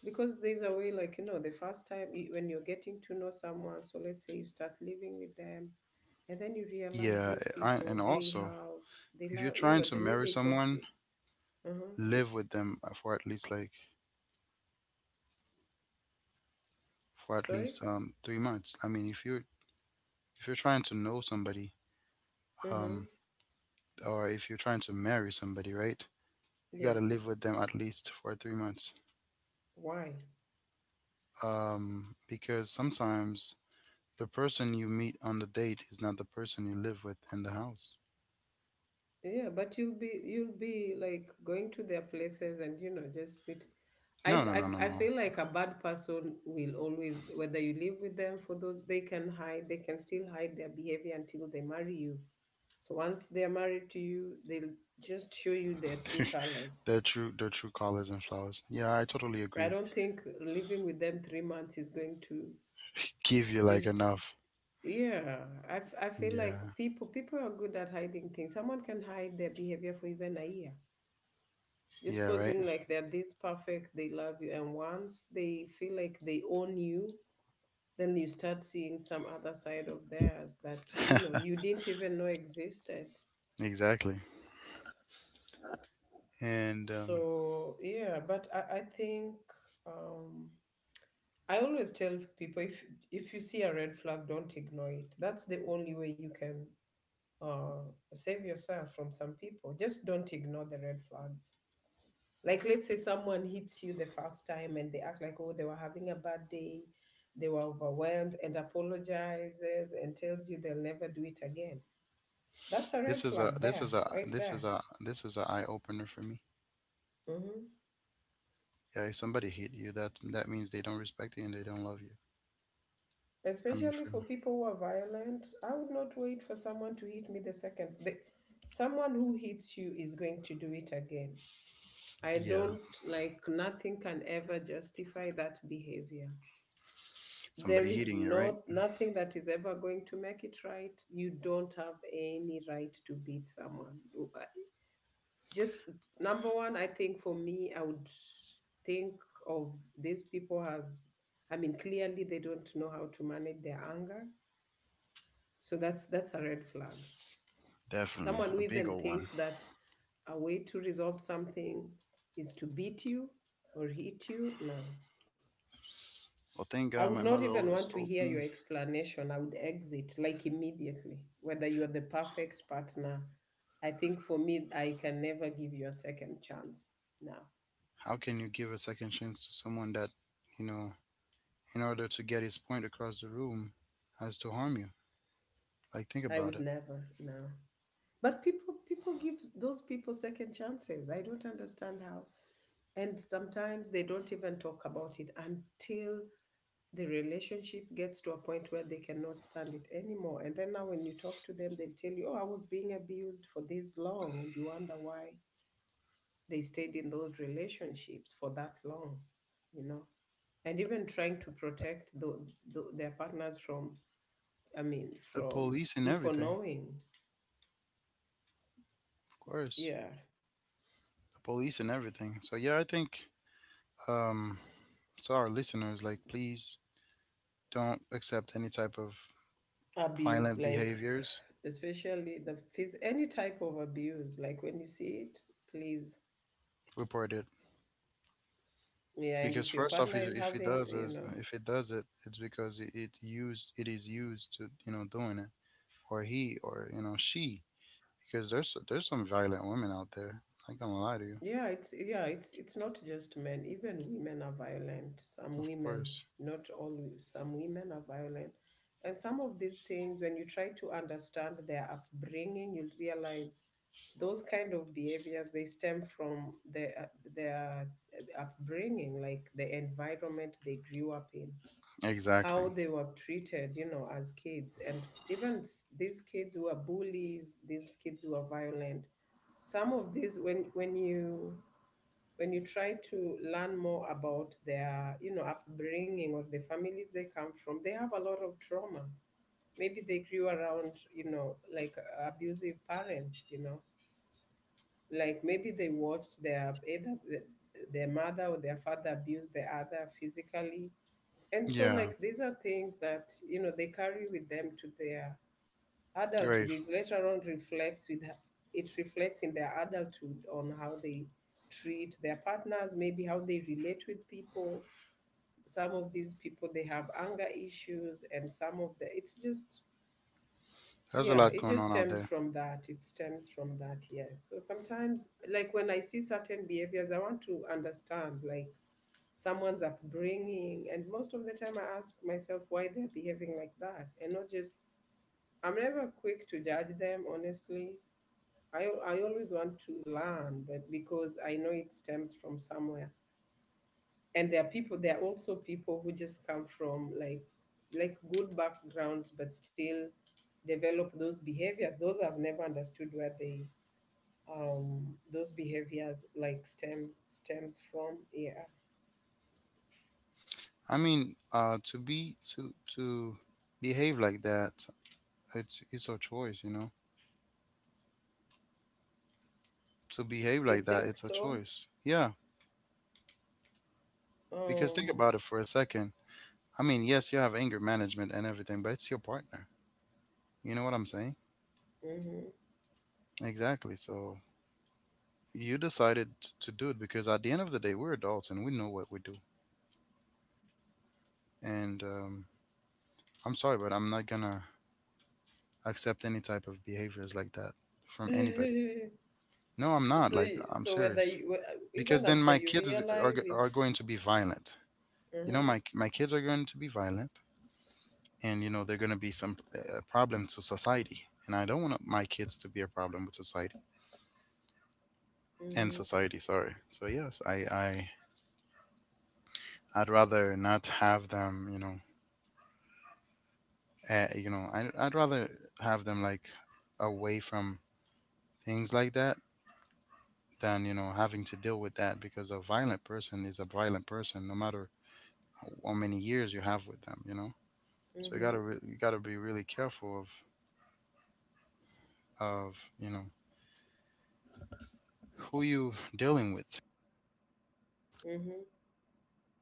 [SPEAKER 2] because there's a way, like, you know, the first time you, when you're getting to know someone, so let's say you start living with them and then you realize
[SPEAKER 1] Yeah.
[SPEAKER 2] these
[SPEAKER 1] I, and
[SPEAKER 2] people they
[SPEAKER 1] also,
[SPEAKER 2] have, they
[SPEAKER 1] if you're
[SPEAKER 2] love, you
[SPEAKER 1] trying
[SPEAKER 2] know,
[SPEAKER 1] to
[SPEAKER 2] the way
[SPEAKER 1] marry
[SPEAKER 2] they talk to
[SPEAKER 1] someone,
[SPEAKER 2] you. Uh-huh,
[SPEAKER 1] live with them for at least like, for at
[SPEAKER 2] sorry,
[SPEAKER 1] least um, three months. I mean, if you're, if you're trying to know somebody, um,
[SPEAKER 2] uh-huh,
[SPEAKER 1] or if you're trying to marry somebody, right? You got to
[SPEAKER 2] yes.
[SPEAKER 1] live with them at least for three months.
[SPEAKER 2] Why?
[SPEAKER 1] Um, because sometimes the person you meet on the date is not the person you live with in the house.
[SPEAKER 2] Yeah, but you'll be, you'll be like going to their places and you know just meet. I
[SPEAKER 1] No, no, no, no,
[SPEAKER 2] I I
[SPEAKER 1] no.
[SPEAKER 2] feel like a bad person will always, whether you live with them for those, they can hide, they can still hide their behavior until they marry you. So once they're married to you, they'll just show you their true colors.
[SPEAKER 1] They're true. They're true colors and flowers. Yeah, I totally
[SPEAKER 2] I
[SPEAKER 1] agree.
[SPEAKER 2] don't think living with them three months is going to
[SPEAKER 1] Give you like
[SPEAKER 2] just,
[SPEAKER 1] enough.
[SPEAKER 2] yeah. I, f- I feel
[SPEAKER 1] Yeah.
[SPEAKER 2] like people people are good at hiding things. Someone can hide their behavior for even a year, just
[SPEAKER 1] Yeah. Right.
[SPEAKER 2] posing like they're this perfect, they love you, and once they feel like they own you, then you start seeing some other side of theirs that you know you didn't even know existed.
[SPEAKER 1] Exactly. And um,
[SPEAKER 2] So yeah, but I, I think um, I always tell people, if if you see a red flag, don't ignore it. That's the only way you can uh, save yourself from some people. Just don't ignore the red flags. Like, let's say someone hits you the first time and they act like, oh, they were having a bad day, they were overwhelmed, and apologizes and tells you they'll never do it again. That's a red
[SPEAKER 1] this is a
[SPEAKER 2] flag
[SPEAKER 1] this
[SPEAKER 2] there,
[SPEAKER 1] is a
[SPEAKER 2] right
[SPEAKER 1] this is
[SPEAKER 2] there.
[SPEAKER 1] a this is a eye opener for me.
[SPEAKER 2] Hmm.
[SPEAKER 1] Yeah. If somebody hate you, that that means they don't respect you and they don't love you. I mean,
[SPEAKER 2] Especially
[SPEAKER 1] for me.
[SPEAKER 2] for people who are violent, I would not wait for someone to hit me the second. The, someone who hits you is going to do it again. I
[SPEAKER 1] Yeah.
[SPEAKER 2] don't like, nothing can ever justify that behavior. There
[SPEAKER 1] Somebody
[SPEAKER 2] is
[SPEAKER 1] hitting you, right?
[SPEAKER 2] no, nothing that is ever going to make it right. You don't have any right to beat someone. Just, number one, I think for me, I would think of these people as, I mean, clearly they don't know how to manage their anger. So that's that's a red flag.
[SPEAKER 1] Definitely.
[SPEAKER 2] Someone who
[SPEAKER 1] A big
[SPEAKER 2] even
[SPEAKER 1] old one.
[SPEAKER 2] thinks that a way to resolve something is to beat you or hit you, no.
[SPEAKER 1] Well, thank God
[SPEAKER 2] I
[SPEAKER 1] my
[SPEAKER 2] would
[SPEAKER 1] mother
[SPEAKER 2] not even
[SPEAKER 1] always
[SPEAKER 2] want
[SPEAKER 1] told
[SPEAKER 2] to hear
[SPEAKER 1] me,
[SPEAKER 2] your explanation. I would exit like immediately, whether you are the perfect partner. I think for me, I can never give you a second chance. No,
[SPEAKER 1] how can you give a second chance to someone that, you know, in order to get his point across the room, has to harm you? Like, think
[SPEAKER 2] I
[SPEAKER 1] about
[SPEAKER 2] would
[SPEAKER 1] it.
[SPEAKER 2] never. No. But people, people give those people second chances. I don't understand how. And sometimes they don't even talk about it until the relationship gets to a point where they cannot stand it anymore. And then now, when you talk to them, they'll tell you, oh, I was being abused for this long. And you wonder why they stayed in those relationships for that long, you know, and even trying to protect the, the, their partners from, I mean,
[SPEAKER 1] The
[SPEAKER 2] from
[SPEAKER 1] police and
[SPEAKER 2] people
[SPEAKER 1] everything,
[SPEAKER 2] knowing,
[SPEAKER 1] of course.
[SPEAKER 2] yeah,
[SPEAKER 1] The police and everything. So, yeah, I think, um, so our listeners, like, please don't accept any type of
[SPEAKER 2] abuse,
[SPEAKER 1] violent
[SPEAKER 2] like
[SPEAKER 1] behaviors.
[SPEAKER 2] especially the phys-, any type of abuse, like when you see it, please,
[SPEAKER 1] Report it.
[SPEAKER 2] yeah, and
[SPEAKER 1] Because
[SPEAKER 2] if your
[SPEAKER 1] first off,
[SPEAKER 2] partner
[SPEAKER 1] if
[SPEAKER 2] is
[SPEAKER 1] if it
[SPEAKER 2] having,
[SPEAKER 1] does
[SPEAKER 2] you
[SPEAKER 1] is-
[SPEAKER 2] know,
[SPEAKER 1] if it does it, it's because it, it used it is used to, you know, doing it, or he, or you know she, because there's there's some violent women out there. I ain't gonna lie to you,
[SPEAKER 2] yeah, it's, yeah, it's it's not just men. Even women are violent. Some
[SPEAKER 1] of
[SPEAKER 2] women,
[SPEAKER 1] course.
[SPEAKER 2] not all, wo- some women are violent. And some of these things, when you try to understand their upbringing, you'll realize those kind of behaviors they stem from their their upbringing, like the environment they grew up in,
[SPEAKER 1] Exactly.
[SPEAKER 2] how they were treated, you know, as kids, and even s- these kids who are bullies, these kids who are violent, some of these, when when you when you try to learn more about their, you know, upbringing or the families they come from, they have a lot of trauma. Maybe they grew around, you know, like uh, abusive parents, you know, like maybe they watched their, either the, their mother or their father abuse the other physically. And so,
[SPEAKER 1] Yeah,
[SPEAKER 2] like, these are things that, you know, they carry with them to their adulthood.
[SPEAKER 1] grave.
[SPEAKER 2] It later on reflects with, it reflects in their adulthood on how they treat their partners, maybe how they relate with people. Some of these people, they have anger issues, and some of the, it's just,
[SPEAKER 1] There's a
[SPEAKER 2] yeah,
[SPEAKER 1] lot
[SPEAKER 2] it
[SPEAKER 1] going
[SPEAKER 2] just
[SPEAKER 1] on out
[SPEAKER 2] stems
[SPEAKER 1] there.
[SPEAKER 2] from that. It stems from that, yes. So sometimes, like, when I see certain behaviors, I want to understand, like, someone's upbringing, and most of the time I ask myself why they're behaving like that, and not just, I'm never quick to judge them, honestly. I, al- I always want to learn, but because I know it stems from somewhere. And there are people, there are also people who just come from like, like good backgrounds, but still develop those behaviors. Those I've never understood where they, um those behaviors like stem stems from. Yeah,
[SPEAKER 1] I mean, uh, to be to to behave like that, it's it's a choice, you know. To behave
[SPEAKER 2] you
[SPEAKER 1] like that,
[SPEAKER 2] think
[SPEAKER 1] it's a
[SPEAKER 2] so?
[SPEAKER 1] choice. Yeah, because think
[SPEAKER 2] Um.
[SPEAKER 1] about it for a second. I mean, yes, you have anger management and everything, but it's your partner. You know what I'm saying?
[SPEAKER 2] Mhm.
[SPEAKER 1] Exactly. So you decided t- to do it, because at the end of the day, we're adults and we know what we do. And um, I'm sorry, but I'm not gonna accept any type of behaviors like that from anybody. No, I'm not.
[SPEAKER 2] so
[SPEAKER 1] Like, I'm
[SPEAKER 2] so whether
[SPEAKER 1] serious.
[SPEAKER 2] you,
[SPEAKER 1] Because
[SPEAKER 2] even
[SPEAKER 1] then
[SPEAKER 2] after
[SPEAKER 1] my
[SPEAKER 2] you
[SPEAKER 1] kids is, are
[SPEAKER 2] realize
[SPEAKER 1] g- are
[SPEAKER 2] it's,
[SPEAKER 1] going to be violent. You know, my
[SPEAKER 2] Mhm.
[SPEAKER 1] my kids are going to be violent, and you know they're going to be some uh, problem to society. And I don't want my kids to be a problem with society and
[SPEAKER 2] Mhm.
[SPEAKER 1] society. Sorry. So yes, I I I'd rather not have them, you know, uh, you know, I, I'd rather have them like away from things like that than, you know, having to deal with that because a violent person is a violent person no matter how, how many years you have with them, you know? So you gotta,
[SPEAKER 2] Mhm.
[SPEAKER 1] re- you gotta be really careful of, of, you know, who you dealing with.
[SPEAKER 2] Mhm.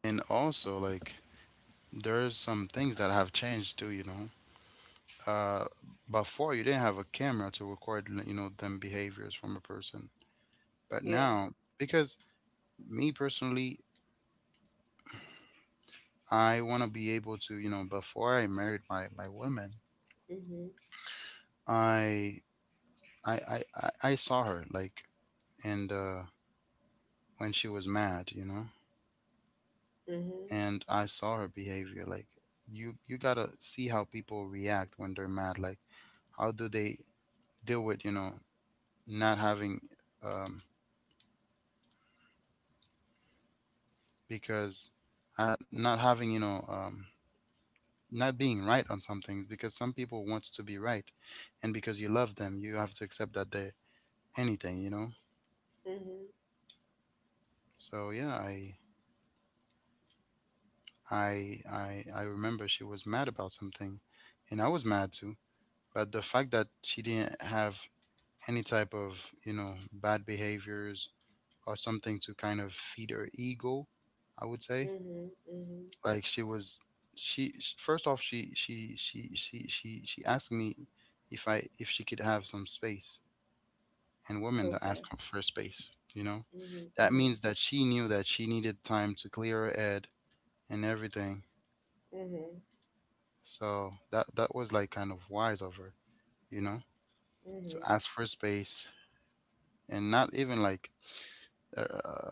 [SPEAKER 1] And also like, there's some things that have changed too, you know? Uh, Before you didn't have a camera to record, you know, them behaviors from a person. But
[SPEAKER 2] Yeah.
[SPEAKER 1] now, because me personally, I want to be able to, you know, before I married my my woman,
[SPEAKER 2] Mhm.
[SPEAKER 1] I I I I I saw her like and uh when she was mad, you know,
[SPEAKER 2] Mhm.
[SPEAKER 1] and I saw her behavior like you you got to see how people react when they're mad like how do they deal with, you know, not having um because uh, not having, you know, um not being right on some things because some people wants to be right and because you love them, you have to accept that they anything, you know.
[SPEAKER 2] Mhm.
[SPEAKER 1] So yeah, I I I I remember she was mad about something, and I was mad too. But the fact that she didn't have any type of you know bad behaviors or something to kind of feed her ego, I would say
[SPEAKER 2] Mhm. Mhm.
[SPEAKER 1] like she was she sh- first off she she she she she she asked me if I if she could have some space, and women that
[SPEAKER 2] Okay.
[SPEAKER 1] ask for space, you know,
[SPEAKER 2] Mhm.
[SPEAKER 1] that
[SPEAKER 2] Mhm.
[SPEAKER 1] means that she knew that she needed time to clear her head and everything.
[SPEAKER 2] Mhm.
[SPEAKER 1] So that that was like kind of wise of her, you know, to
[SPEAKER 2] Mhm.
[SPEAKER 1] ask for space and not even like, uh,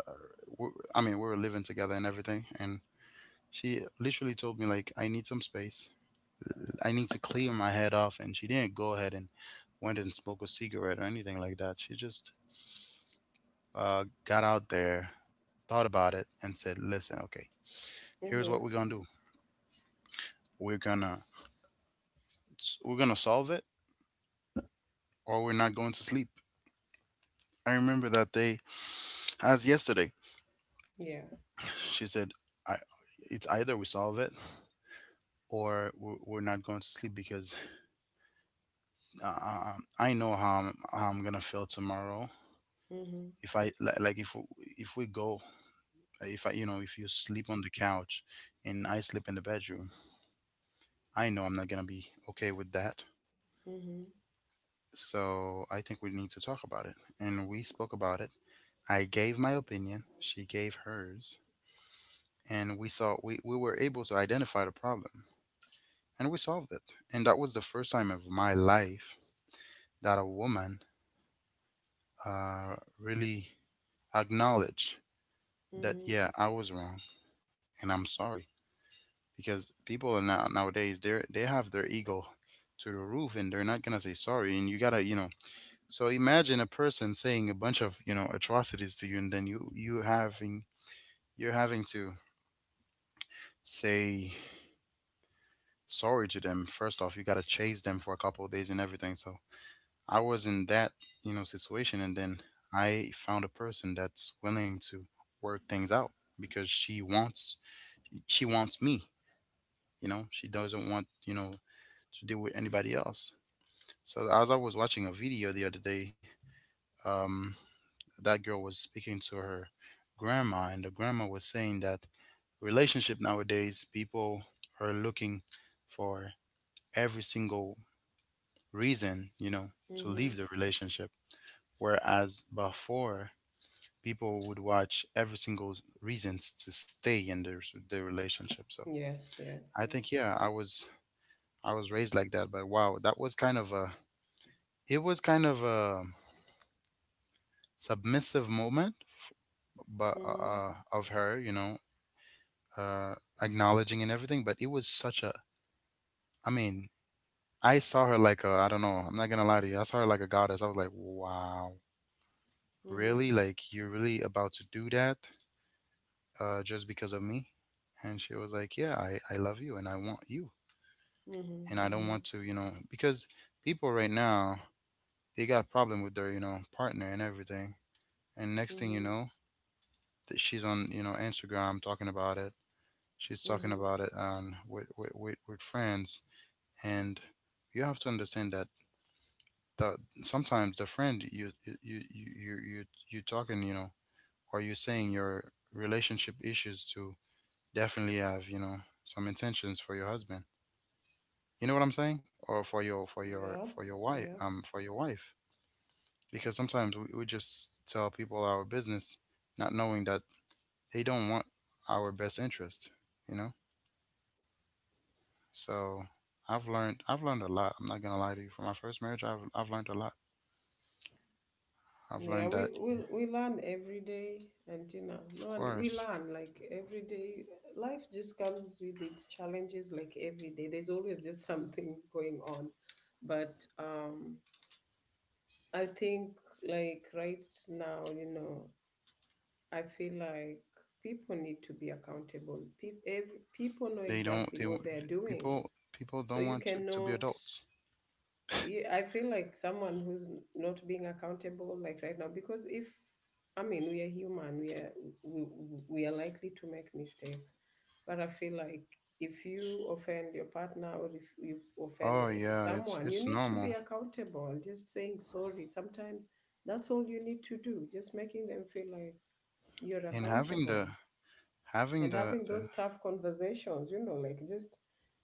[SPEAKER 1] w I I mean, we were living together and everything, and she literally told me like, I need some space, I need to clear my head off, and she didn't go ahead and went and smoked a cigarette or anything like that. She just uh, got out there, thought about it, and said, "Listen, okay, here's what we're
[SPEAKER 2] Mhm.
[SPEAKER 1] gonna do. We're gonna we're gonna solve it, or we're not going to sleep." I remember that day as yesterday.
[SPEAKER 2] Yeah.
[SPEAKER 1] She said, "I, it's either we solve it or we're, we're not going to sleep because uh, I know how I'm, how I'm gonna feel tomorrow.
[SPEAKER 2] Mhm.
[SPEAKER 1] If I li- like, if w- if we go, If I, you know, if you sleep on the couch and I sleep in the bedroom, I know I'm not gonna be okay with that.
[SPEAKER 2] Mhm.
[SPEAKER 1] So I think we need to talk about it." And we spoke about it. I gave my opinion. She gave hers, and we saw we, we were able to identify the problem, and we solved it. And that was the first time of my life that a woman uh, really acknowledged that,
[SPEAKER 2] Mhm.
[SPEAKER 1] yeah, I was wrong and I'm sorry. Because people are now nowadays they they have their ego to the roof and they're not gonna say sorry. And you gotta, you know. So imagine a person saying a bunch of you know atrocities to you, and then you you having you're having to say sorry to them. First off, you gotta chase them for a couple of days and everything. So I was in that, you know, situation, and then I found a person that's willing to work things out because she wants she wants me, you know. She doesn't want, you know, to deal with anybody else. So as I was watching a video the other day, um that girl was speaking to her grandma, and the grandma was saying that relationship nowadays people are looking for every single reason, you know, to
[SPEAKER 2] Mm-hmm.
[SPEAKER 1] leave the relationship, whereas before people would watch every single reasons to stay in their s- their relationship. So
[SPEAKER 2] Yes, yes,
[SPEAKER 1] I
[SPEAKER 2] yes.
[SPEAKER 1] think yeah, I was I was raised like that, but wow, that was kind of a it was kind of a submissive moment, but
[SPEAKER 2] Mm-hmm.
[SPEAKER 1] uh, of her, you know, uh, acknowledging and everything. But it was such a I mean, I saw her like a I don't know, I'm not gonna lie to you, I saw her like a goddess. I was like, wow,
[SPEAKER 2] Mm-hmm.
[SPEAKER 1] really? Like you're really about to do that uh, just because of me? And she was like, yeah, I I love you and I want you
[SPEAKER 2] Mm-hmm.
[SPEAKER 1] and I don't
[SPEAKER 2] Mm-hmm.
[SPEAKER 1] want to, you know, because people right now they got a problem with their, you know, partner and everything. And next thing you
[SPEAKER 2] Mm-hmm.
[SPEAKER 1] know, that she's on, you know, Instagram talking about it. She's talking
[SPEAKER 2] Mm-hmm.
[SPEAKER 1] about it on with with, with, with, friends, and you have to understand that the, sometimes the friend you you you you you you talking, you know, or you saying your relationship issues to definitely have, you know, some intentions for your husband. You know what I'm saying? Or for your for your for
[SPEAKER 2] Yep.
[SPEAKER 1] your wife
[SPEAKER 2] Yep.
[SPEAKER 1] um for your wife. Because sometimes we, we just tell people our business, not knowing that they don't want our best interest, you know, so i've learned I've learned a lot, I'm not gonna lie to you. From my first marriage, i've, I've learned a lot. I've
[SPEAKER 2] Yeah,
[SPEAKER 1] learned that
[SPEAKER 2] we, we we learn every day, and, you know,
[SPEAKER 1] of
[SPEAKER 2] no one, we
[SPEAKER 1] course
[SPEAKER 2] learn like every day. Life just comes with its challenges like every day. There's always just something going on. But um I think, like, right now, you know, I feel like people need to be accountable. Pe- every, people know
[SPEAKER 1] they don't
[SPEAKER 2] exactly
[SPEAKER 1] they
[SPEAKER 2] what they're doing.
[SPEAKER 1] people people
[SPEAKER 2] So
[SPEAKER 1] don't
[SPEAKER 2] you
[SPEAKER 1] want to, to be
[SPEAKER 2] cannot.
[SPEAKER 1] adults.
[SPEAKER 2] you- I feel like someone who's not being accountable, like right now, because if, I mean, we are human, we are we, we are likely to make mistakes. But I feel like if you offend your partner, or if you offend
[SPEAKER 1] Oh
[SPEAKER 2] eh,
[SPEAKER 1] yeah, it's
[SPEAKER 2] someone, you
[SPEAKER 1] it's
[SPEAKER 2] need to be
[SPEAKER 1] normal.
[SPEAKER 2] accountable. Just saying sorry. Sometimes that's all you need to do. Just making them feel like you're
[SPEAKER 1] And having
[SPEAKER 2] accountable,
[SPEAKER 1] the having
[SPEAKER 2] and
[SPEAKER 1] the,
[SPEAKER 2] having
[SPEAKER 1] the
[SPEAKER 2] those tough conversations, you know, like, just,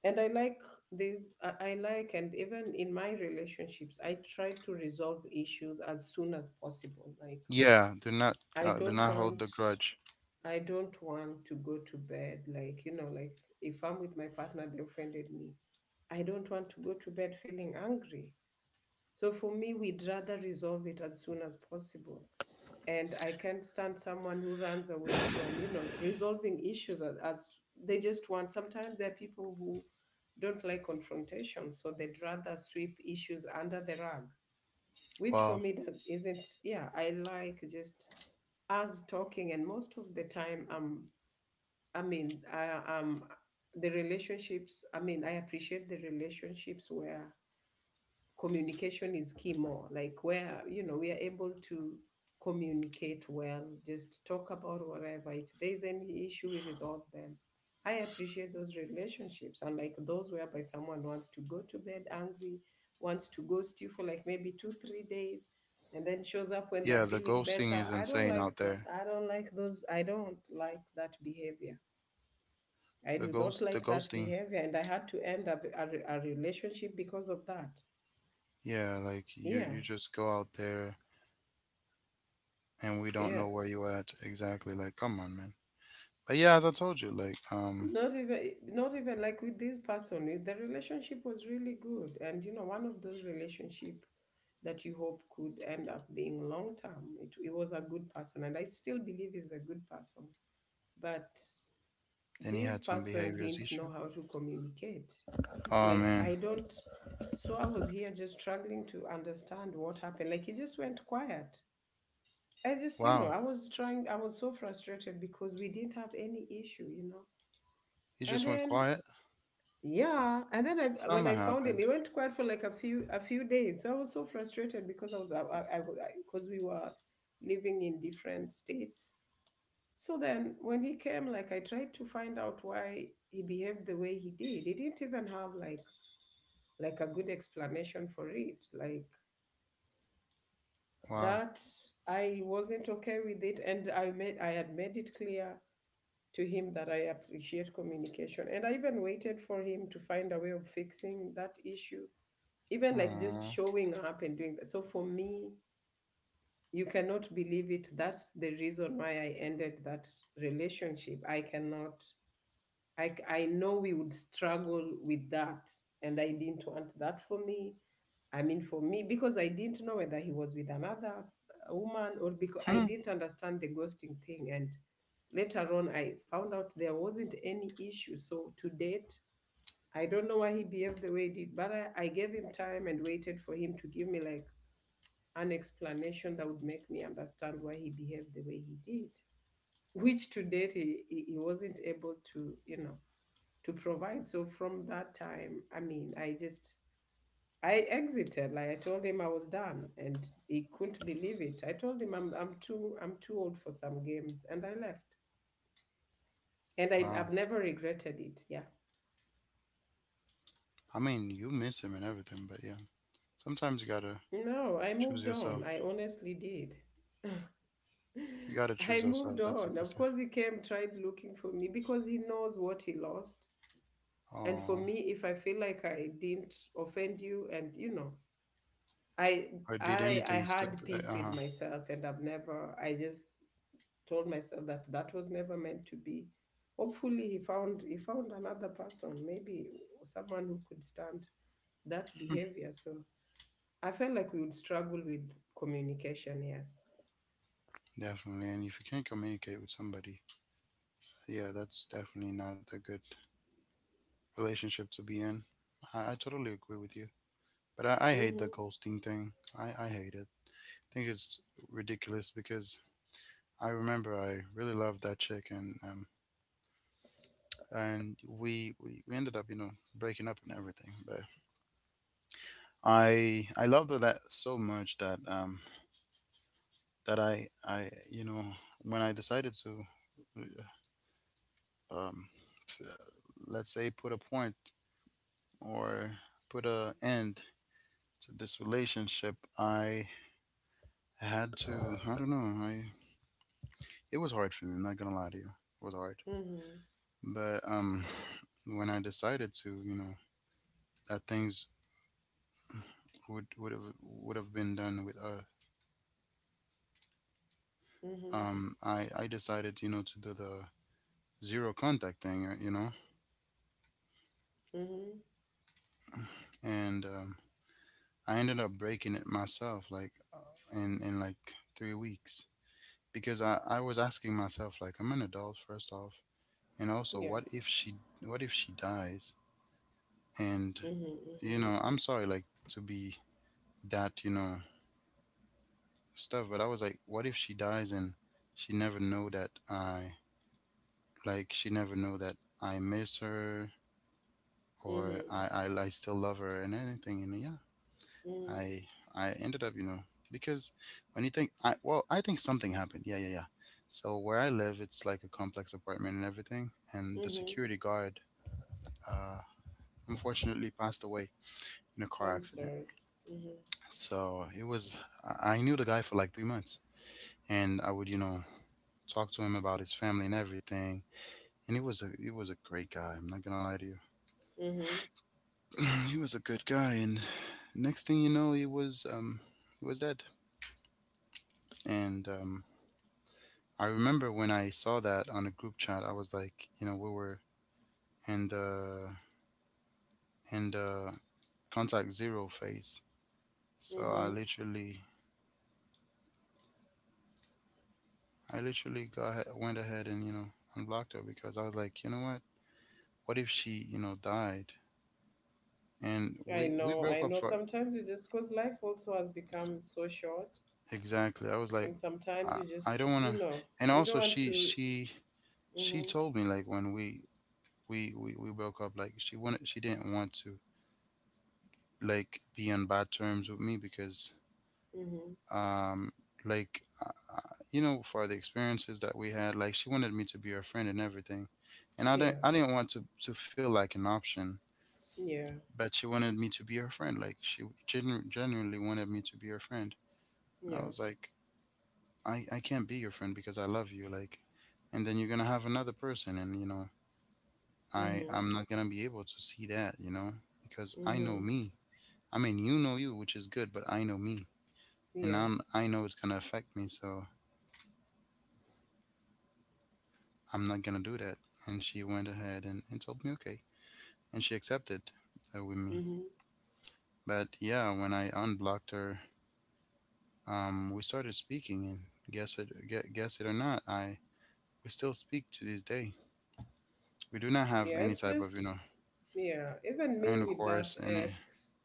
[SPEAKER 2] and I like these, I, I like, and even in my relationships I try to resolve issues as soon as possible, like,
[SPEAKER 1] yeah, do not
[SPEAKER 2] i
[SPEAKER 1] uh, do
[SPEAKER 2] don't
[SPEAKER 1] not hold the
[SPEAKER 2] want
[SPEAKER 1] grudge.
[SPEAKER 2] i don't want to go to bed, like, you know, like, if I'm with my partner, they offended me, I don't want to go to bed feeling angry. So for me, we'd rather resolve it as soon as possible. And I can't stand someone who runs away from, you know, resolving issues, as, as they just want. Sometimes there are people who don't like confrontation, so they'd rather sweep issues under the rug, which for
[SPEAKER 1] Well,
[SPEAKER 2] me, that isn't. Yeah, I like just us talking, and most of the time, um, I mean, I um, the relationships. I mean, I appreciate the relationships where communication is key, more like where, you know, we are able to communicate well, just talk about whatever, if there's any issue we resolve them. I appreciate those relationships, and like those whereby someone wants to go to bed angry, wants to ghost you for, like, maybe two three days, and then shows up when they're
[SPEAKER 1] yeah, the
[SPEAKER 2] feeling
[SPEAKER 1] ghosting
[SPEAKER 2] better.
[SPEAKER 1] is
[SPEAKER 2] I don't
[SPEAKER 1] insane
[SPEAKER 2] like
[SPEAKER 1] out
[SPEAKER 2] that,
[SPEAKER 1] there.
[SPEAKER 2] I don't like those, I don't like that behavior, I
[SPEAKER 1] the
[SPEAKER 2] do not
[SPEAKER 1] ghost the
[SPEAKER 2] like that
[SPEAKER 1] ghosting.
[SPEAKER 2] behavior. And I had to end up a, a relationship because of that.
[SPEAKER 1] Yeah, like you
[SPEAKER 2] Yeah,
[SPEAKER 1] you just go out there and we don't
[SPEAKER 2] yeah.
[SPEAKER 1] know where you at exactly. Like, come on, man. But yeah, as I told you, like, um,
[SPEAKER 2] Not even not even like with this person, eh, the relationship was really good, and, you know, one of those relationship that you hope could end up being long term. It, it was a good person, and I still believe is a good person, but
[SPEAKER 1] then he
[SPEAKER 2] this
[SPEAKER 1] had some
[SPEAKER 2] person
[SPEAKER 1] behaviors
[SPEAKER 2] didn't know
[SPEAKER 1] issue.
[SPEAKER 2] how to communicate,
[SPEAKER 1] Oh
[SPEAKER 2] like,
[SPEAKER 1] man,
[SPEAKER 2] I don't. So I was here just struggling to understand what happened. Like, he just went quiet. I just, you know,
[SPEAKER 1] wow.
[SPEAKER 2] I was trying, I was so frustrated because we didn't have any issue, you know.
[SPEAKER 1] He
[SPEAKER 2] And
[SPEAKER 1] just went
[SPEAKER 2] then,
[SPEAKER 1] quiet.
[SPEAKER 2] yeah, and then I, when
[SPEAKER 1] Something
[SPEAKER 2] I found him, he
[SPEAKER 1] happened.
[SPEAKER 2] went quiet for like a few a few days. So I was so frustrated because I was I I because we were living in different states. So then when he came, like, I tried to find out why he behaved the way he did. He didn't even have like, like a good explanation for it. Like,
[SPEAKER 1] Wow.
[SPEAKER 2] that, I wasn't okay with it, and I made I had made it clear to him that I appreciate communication, and I even waited for him to find a way of fixing that issue, even like just
[SPEAKER 1] Aww.
[SPEAKER 2] showing up and doing that. So for me, you cannot believe it. That's the reason why I ended that relationship. I cannot, I, c- I know we would struggle with that. And I didn't want that for me. I mean, for me, because I didn't know whether he was with another uh, woman, or because I
[SPEAKER 1] Hmm.
[SPEAKER 2] didn't understand the ghosting thing. And later on, I found out there wasn't any issue. So to date, I don't know why he behaved the way he did, but I, I gave him time and waited for him to give me like an explanation that would make me understand why he behaved the way he did, which to date he, he he wasn't able to, you know, to provide. So from that time, I mean, I just, I exited. Like, I told him I was done, and he couldn't believe it. I told him I'm, I'm too, I'm too old for some games, and I left. And I,
[SPEAKER 1] Wow.
[SPEAKER 2] I've never regretted it. Yeah.
[SPEAKER 1] I mean, you miss him and everything, but yeah. Sometimes you gotta
[SPEAKER 2] No, I
[SPEAKER 1] choose
[SPEAKER 2] moved on.
[SPEAKER 1] yourself.
[SPEAKER 2] I honestly did.
[SPEAKER 1] You gotta
[SPEAKER 2] I
[SPEAKER 1] choose
[SPEAKER 2] moved
[SPEAKER 1] yourself. That's the
[SPEAKER 2] on. Of
[SPEAKER 1] best thing.
[SPEAKER 2] course, he came, tried looking for me because he knows what he lost. And for
[SPEAKER 1] Aww.
[SPEAKER 2] me, if I feel like I didn't offend you, and, you know, I
[SPEAKER 1] Or did
[SPEAKER 2] I I
[SPEAKER 1] anything
[SPEAKER 2] had
[SPEAKER 1] stupid.
[SPEAKER 2] peace with
[SPEAKER 1] Uh
[SPEAKER 2] myself, and I've never. I just told myself that that was never meant to be. Hopefully, he found he found another person, maybe someone who could stand that
[SPEAKER 1] huh.
[SPEAKER 2] behavior. So I felt like we would struggle with communication. Yes.
[SPEAKER 1] Definitely. And if you can't communicate with somebody, yeah, that's definitely not a good relationship to be in. I, I totally agree with you. But I, I hate the
[SPEAKER 2] Mm-hmm.
[SPEAKER 1] ghosting thing. I, I hate it. I think it's ridiculous because I remember I really loved that chick, and um, and we, we we ended up you know breaking up and everything. But I I loved her that so much that um that I I you know when I decided to uh, um t- let's say put a point or put a end to this relationship, I I had to. I don't know. I it was hard for me. I'm not gonna lie to you. It was hard.
[SPEAKER 2] Mm-hmm.
[SPEAKER 1] But um, when I decided to, you know, that things would would have would have been done with us.
[SPEAKER 2] Mm-hmm.
[SPEAKER 1] Um, I I decided, you know, to do the zero contact thing. uh, You know,
[SPEAKER 2] Mm-hmm.
[SPEAKER 1] and um, I ended up breaking it myself, like uh, in in like three weeks because I I was asking myself, like, I'm an adult first off, and also,
[SPEAKER 2] Yeah.
[SPEAKER 1] what if she what if she dies and you
[SPEAKER 2] Mhm.
[SPEAKER 1] know, I'm sorry, like to be that you know stuff, but I was like, what if she dies and she never know that I like she never know that I miss her,
[SPEAKER 2] Mhm.
[SPEAKER 1] or
[SPEAKER 2] Mhm.
[SPEAKER 1] i i, I still love her and anything. And yeah,
[SPEAKER 2] Mhm.
[SPEAKER 1] i I ended up you know because when you think I well I think something happened, yeah yeah yeah. So where I live it's like a complex apartment and everything, and the
[SPEAKER 2] Mhm.
[SPEAKER 1] security guard uh unfortunately passed away in a car
[SPEAKER 2] I'm
[SPEAKER 1] accident.
[SPEAKER 2] sorry. Mhm.
[SPEAKER 1] So it was i I knew the guy for like three months, and I would you know talked to him about his family and everything. And he was a he was a great guy. I'm not gonna lie to you.
[SPEAKER 2] Mhm.
[SPEAKER 1] He was a good guy, and next thing you know, he was um he was dead. And um, I remember when I saw that on a group chat, I was like, you know, we were in the in the contact zero phase. So I
[SPEAKER 2] Mhm.
[SPEAKER 1] literally I literally got ahe- went ahead and you know unblocked her because I was like, you know what? What if she you know died? And
[SPEAKER 2] I
[SPEAKER 1] we we
[SPEAKER 2] know. I
[SPEAKER 1] broke up
[SPEAKER 2] know.
[SPEAKER 1] for
[SPEAKER 2] Sometimes you just, cause life also has become so short,
[SPEAKER 1] Exactly. I was like,
[SPEAKER 2] and sometimes
[SPEAKER 1] I,
[SPEAKER 2] you
[SPEAKER 1] I
[SPEAKER 2] just,
[SPEAKER 1] don't want
[SPEAKER 2] you
[SPEAKER 1] to.
[SPEAKER 2] know,
[SPEAKER 1] And
[SPEAKER 2] you don't
[SPEAKER 1] also,
[SPEAKER 2] want
[SPEAKER 1] she
[SPEAKER 2] to.
[SPEAKER 1] she she
[SPEAKER 2] Mhm.
[SPEAKER 1] told me like when we we we we broke up, like she wanted she didn't want to like be on bad terms with me because
[SPEAKER 2] Mhm.
[SPEAKER 1] um like uh, uh, you know, for the experiences that we had, like she wanted me to be her friend and everything, and I
[SPEAKER 2] Yeah.
[SPEAKER 1] didn't I didn't want to to feel like an option,
[SPEAKER 2] Yeah.
[SPEAKER 1] but she wanted me to be her friend. Like she genu- genuinely wanted me to be her friend, and I
[SPEAKER 2] Yeah.
[SPEAKER 1] was like, I, I can't be your friend because I love you, like, and then you're gonna have another person, and you know, I
[SPEAKER 2] Mhm.
[SPEAKER 1] I'm not gonna be able to see that, you know, because I know
[SPEAKER 2] Mhm.
[SPEAKER 1] me. I mean, you know you, which is good, but I know me, and
[SPEAKER 2] Yeah.
[SPEAKER 1] I'm I know it's gonna affect me, so I'm not gonna do that. And she went ahead and, and told me okay, and she accepted uh, with me.
[SPEAKER 2] Mhm.
[SPEAKER 1] But yeah, when I unblocked her, um, we started speaking, and guess it gue- guess it or not, I we still speak to this day. We do not have
[SPEAKER 2] Yeah.
[SPEAKER 1] any
[SPEAKER 2] It's
[SPEAKER 1] type of, you
[SPEAKER 2] just,
[SPEAKER 1] know.
[SPEAKER 2] yeah. Even
[SPEAKER 1] And
[SPEAKER 2] me
[SPEAKER 1] of
[SPEAKER 2] with
[SPEAKER 1] course,
[SPEAKER 2] that
[SPEAKER 1] and it,
[SPEAKER 2] ex,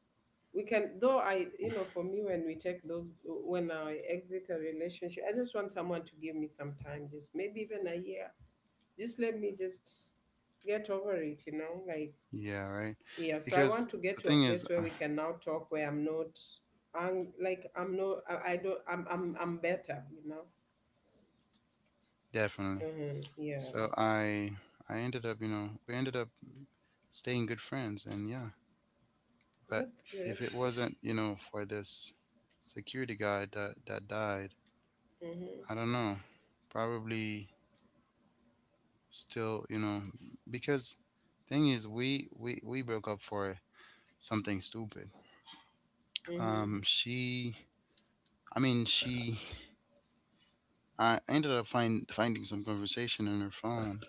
[SPEAKER 2] we can though, I, you know, for me, when we take those, when I exit a relationship I just want someone to give me some time, just maybe even a year, just let me just get over it, you know, like,
[SPEAKER 1] yeah, right.
[SPEAKER 2] yeah. So I
[SPEAKER 1] Because
[SPEAKER 2] want to get
[SPEAKER 1] the
[SPEAKER 2] to a
[SPEAKER 1] thing is,
[SPEAKER 2] place where
[SPEAKER 1] uh,
[SPEAKER 2] we can now talk, where I'm, not I'm like, i'm not i, I don't, I'm, I'm i'm better, you know.
[SPEAKER 1] definitely.
[SPEAKER 2] Hmm, yeah.
[SPEAKER 1] So I, I ended up, you know, we ended up staying good friends, and yeah. But
[SPEAKER 2] That's good.
[SPEAKER 1] if it wasn't, you know, for this security guy that that died,
[SPEAKER 2] Hmm.
[SPEAKER 1] I don't know. Probably still, you know, because thing is, we we we broke up for something stupid.
[SPEAKER 2] Hmm.
[SPEAKER 1] Um, she, I mean, she, I ended up find finding some conversation on her phone,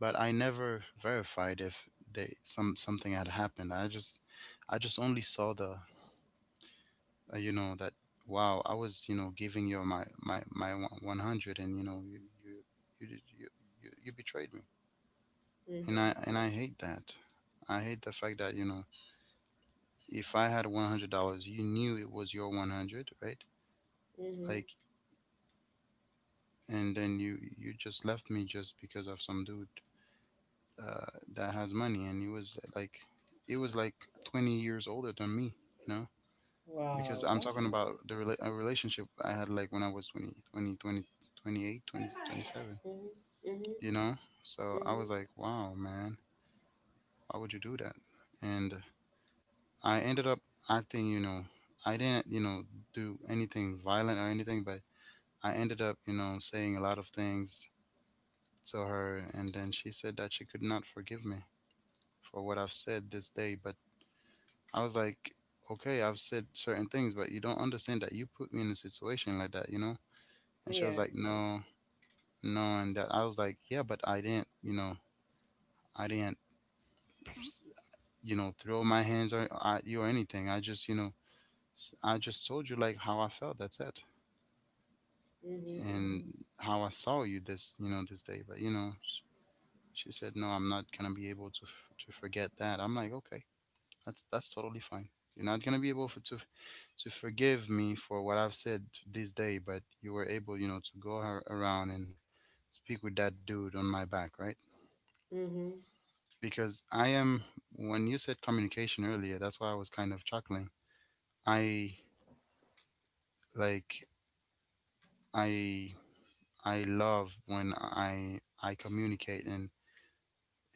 [SPEAKER 1] but I never verified if they some something had happened. I just I just only saw the uh, you know, that wow, I was, you know, giving you my my my one hundred, and you know, you you you did you, you you betrayed me, and I
[SPEAKER 2] Hmm.
[SPEAKER 1] and I hate that. I hate the fact that, you know, if I had one hundred dollars, you knew it was your one hundred, right?
[SPEAKER 2] Hmm.
[SPEAKER 1] Like, and then you you just left me just because of some dude, uh, that has money, and he was like, it was like twenty years older than me, you know, because
[SPEAKER 2] Wow,
[SPEAKER 1] I'm
[SPEAKER 2] that
[SPEAKER 1] talking
[SPEAKER 2] hurts.
[SPEAKER 1] about the rela- a relationship I had like when I was twenty, twenty, twenty, twenty-eight, twenty, twenty-seven,
[SPEAKER 2] Hmm. Hmm.
[SPEAKER 1] you know. So I was
[SPEAKER 2] Hmm.
[SPEAKER 1] like, wow, man, why would you do that? And I ended up acting, you know, I didn't, you know, do anything violent or anything, but I ended up, you know, saying a lot of things to her, and then she said that she could not forgive me for what I've said this day. But I was like, okay, I've said certain things, but you don't understand that you put me in a situation like that, you know? And she was
[SPEAKER 2] Yeah.
[SPEAKER 1] like, no, no. And that I was like, yeah, but I didn't, you know, I didn't, you know, throw my hands or, at you or anything. I just, you know, s- I just told you like how I felt. That's it.
[SPEAKER 2] Hmm.
[SPEAKER 1] And
[SPEAKER 2] Hmm.
[SPEAKER 1] how I saw you this, you know, this day. But, you know, sh- she said, no, I'm not going to be able to, f- to forget that. I'm like, okay. That's that's totally fine. You're not gonna be able for, to to forgive me for what I've said this day, but you were able, you know, to go ar- around and speak with that dude on my back, right?
[SPEAKER 2] Mm-hmm.
[SPEAKER 1] Because I am, when you said communication earlier, that's why I was kind of chuckling. I like I I love when I I communicate and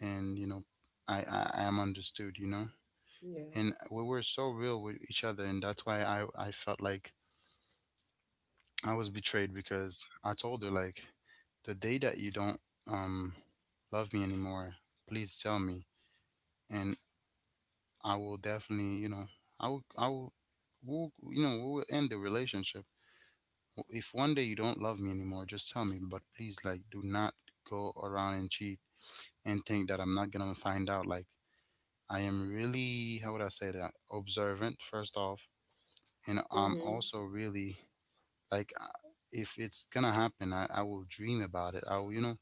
[SPEAKER 1] and you know, I I, I am understood, you know. And
[SPEAKER 2] Yes.
[SPEAKER 1] we were so real with each other, and that's why I I felt like I was betrayed because I told her like, the day that you don't um love me anymore, please tell me, and I will definitely, you know, I will I will, we'll, you know, we'll end the relationship. If one day you don't love me anymore, just tell me, but please, like, do not go around and cheat and think that I'm not going to find out. Like, I am really, how would I say that? Observant, first off, and I'm
[SPEAKER 2] Mm-hmm.
[SPEAKER 1] also really like, uh, if it's gonna happen, I, I will dream about it. I will, you know,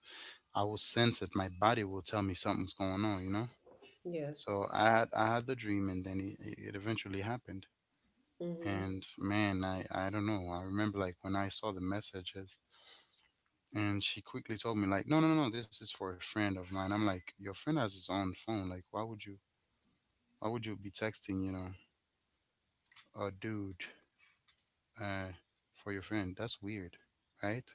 [SPEAKER 1] I will sense it. My body will tell me something's going on, you know.
[SPEAKER 2] Yes.
[SPEAKER 1] So i had I had the dream, and then it, it eventually happened.
[SPEAKER 2] Mm-hmm.
[SPEAKER 1] And man, i i don't know. I remember like when I saw the messages, and she quickly told me like, no no no no, this is for a friend of mine. I'm like, your friend has his own phone. Like, why would you, why would you be texting, you know, a dude, uh for your friend? That's weird, right?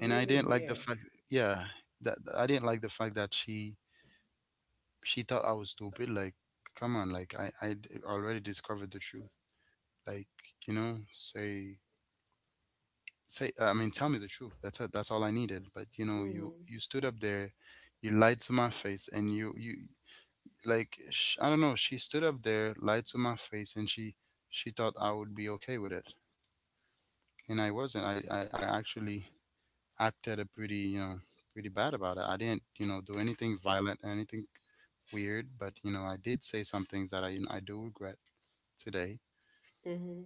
[SPEAKER 1] And I didn't like the
[SPEAKER 2] weird.
[SPEAKER 1] fact, yeah, that that- I didn't like the fact that she she thought I was stupid. Like, come on, like I I d- already discovered the truth. Like, you know, say say I mean, tell me the truth. That's it. That's all I needed. But you know, you
[SPEAKER 2] Mm-hmm.
[SPEAKER 1] you stood up there, you lied to my face, and you you like sh- I don't know. She stood up there, lied to my face, and she she thought I would be okay with it, and I wasn't. I I, I actually acted a pretty, you know, pretty bad about it. I didn't, you know, do anything violent, anything weird, but you know, I did say some things that I, you know, I do regret today.
[SPEAKER 2] Mm-hmm.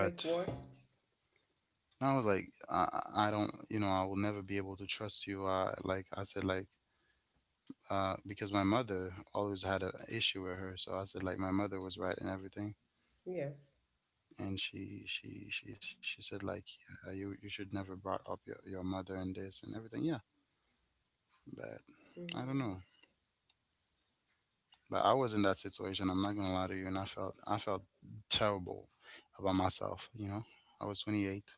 [SPEAKER 2] Like what?
[SPEAKER 1] I was like, I, I don't, you know, I will never be able to trust you. Uh, like I said, like uh, because my mother always had an issue with her, so I said like my mother was right and everything.
[SPEAKER 2] Yes.
[SPEAKER 1] And she, she, she, she said like, yeah, you, you should never brought up your, your mother and this and everything. Yeah, but I don't
[SPEAKER 2] Mm-hmm.
[SPEAKER 1] know. But I was in that situation. I'm not gonna lie to you, and I felt I felt terrible about myself. You know, I was twenty-eight,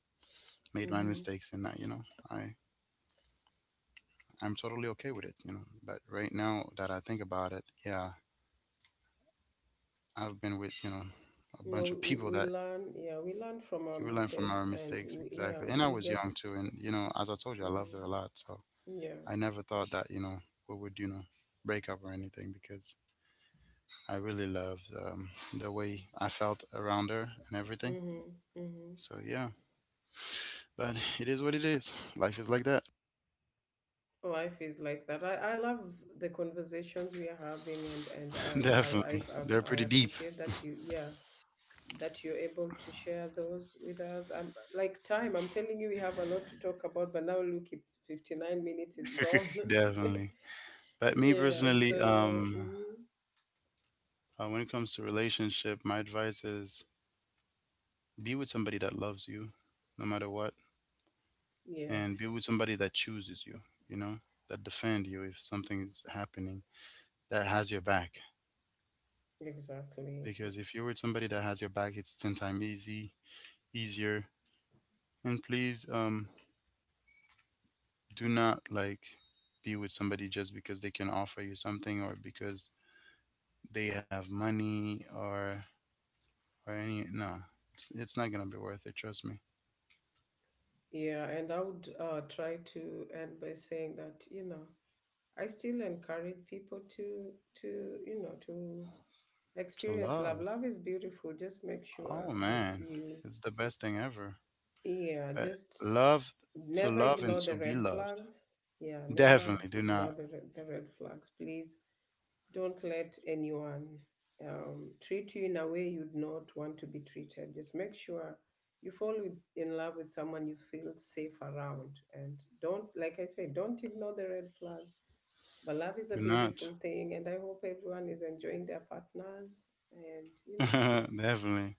[SPEAKER 1] made my
[SPEAKER 2] Mm-hmm.
[SPEAKER 1] mistakes, and I, you know, I I'm totally okay with it. You know, but right now that I think about it, yeah, I've been with, you know, a
[SPEAKER 2] No,
[SPEAKER 1] bunch
[SPEAKER 2] we,
[SPEAKER 1] of
[SPEAKER 2] we
[SPEAKER 1] people
[SPEAKER 2] we
[SPEAKER 1] that,
[SPEAKER 2] learn, yeah, we learn from our
[SPEAKER 1] you learn from our
[SPEAKER 2] mistakes, and
[SPEAKER 1] mistakes,
[SPEAKER 2] we, yeah,
[SPEAKER 1] exactly. And I
[SPEAKER 2] we
[SPEAKER 1] was young
[SPEAKER 2] get,
[SPEAKER 1] too, and you know, as I told you, I loved her a lot.
[SPEAKER 2] Mm-hmm.
[SPEAKER 1] So
[SPEAKER 2] Yeah,
[SPEAKER 1] I never thought that, you know, we would, you know, break up or anything, because I really loved, um, the way I felt around her and everything.
[SPEAKER 2] Mm-hmm. Mm-hmm.
[SPEAKER 1] So yeah, but it is what it is. Life is like that.
[SPEAKER 2] Life is like that. I, I love the conversations we are having, and, and I, I, I,
[SPEAKER 1] Definitely. They're
[SPEAKER 2] I, I
[SPEAKER 1] pretty deep.
[SPEAKER 2] appreciate that you, yeah, that you're able to share those with us. Um, like, time, I'm telling you, we have a lot to talk about, but now look, it's fifty-nine minutes is gone.
[SPEAKER 1] Definitely. But me
[SPEAKER 2] Yeah,
[SPEAKER 1] personally,
[SPEAKER 2] so,
[SPEAKER 1] um,
[SPEAKER 2] mhm,
[SPEAKER 1] uh, when it comes to relationship, my advice is, be with somebody that loves you, no matter what, and be
[SPEAKER 2] yes,
[SPEAKER 1] with somebody that chooses you. You know, that defend you if something is happening, that has your back.
[SPEAKER 2] exactly.
[SPEAKER 1] Because if you're with somebody that has your back, it's ten times easy, easier. And please, um, do not like, be with somebody just because they can offer you something or because they have money or or any, no, it's it's not gonna be worth it, trust me.
[SPEAKER 2] Yeah, and I would uh, try to end by saying that, you know, I still encourage people to to, you know, to
[SPEAKER 1] To
[SPEAKER 2] experience love.
[SPEAKER 1] love,
[SPEAKER 2] Love is beautiful. Just make sure
[SPEAKER 1] oh
[SPEAKER 2] that
[SPEAKER 1] man,
[SPEAKER 2] you,
[SPEAKER 1] it's the best thing ever.
[SPEAKER 2] yeah,
[SPEAKER 1] But
[SPEAKER 2] just
[SPEAKER 1] love, to
[SPEAKER 2] never
[SPEAKER 1] love and
[SPEAKER 2] ignore the
[SPEAKER 1] to be
[SPEAKER 2] red
[SPEAKER 1] loved.
[SPEAKER 2] flags. Yeah, never
[SPEAKER 1] Definitely do
[SPEAKER 2] ignore
[SPEAKER 1] not,
[SPEAKER 2] the, re- the red flags. Please don't let anyone um, treat you in a way you'd not want to be treated. Just make sure you fall with, in love with someone you feel safe around. And don't, like I said, don't ignore the red flags. But love is a
[SPEAKER 1] do not
[SPEAKER 2] beautiful thing. And I hope everyone is enjoying their partners. And, you know,
[SPEAKER 1] definitely.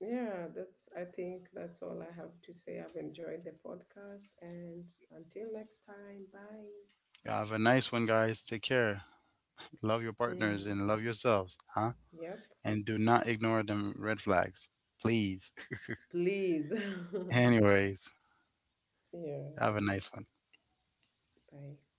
[SPEAKER 2] yeah, that's, I think that's all I have to say. I've enjoyed the podcast, and until next time, bye.
[SPEAKER 1] Yeah, have a nice one guys, take care, love your partners
[SPEAKER 2] Hmm.
[SPEAKER 1] and love yourselves, huh,
[SPEAKER 2] Yep.
[SPEAKER 1] and do not ignore them red flags, please.
[SPEAKER 2] Please.
[SPEAKER 1] Anyways,
[SPEAKER 2] Yeah,
[SPEAKER 1] have a nice one.
[SPEAKER 2] bye.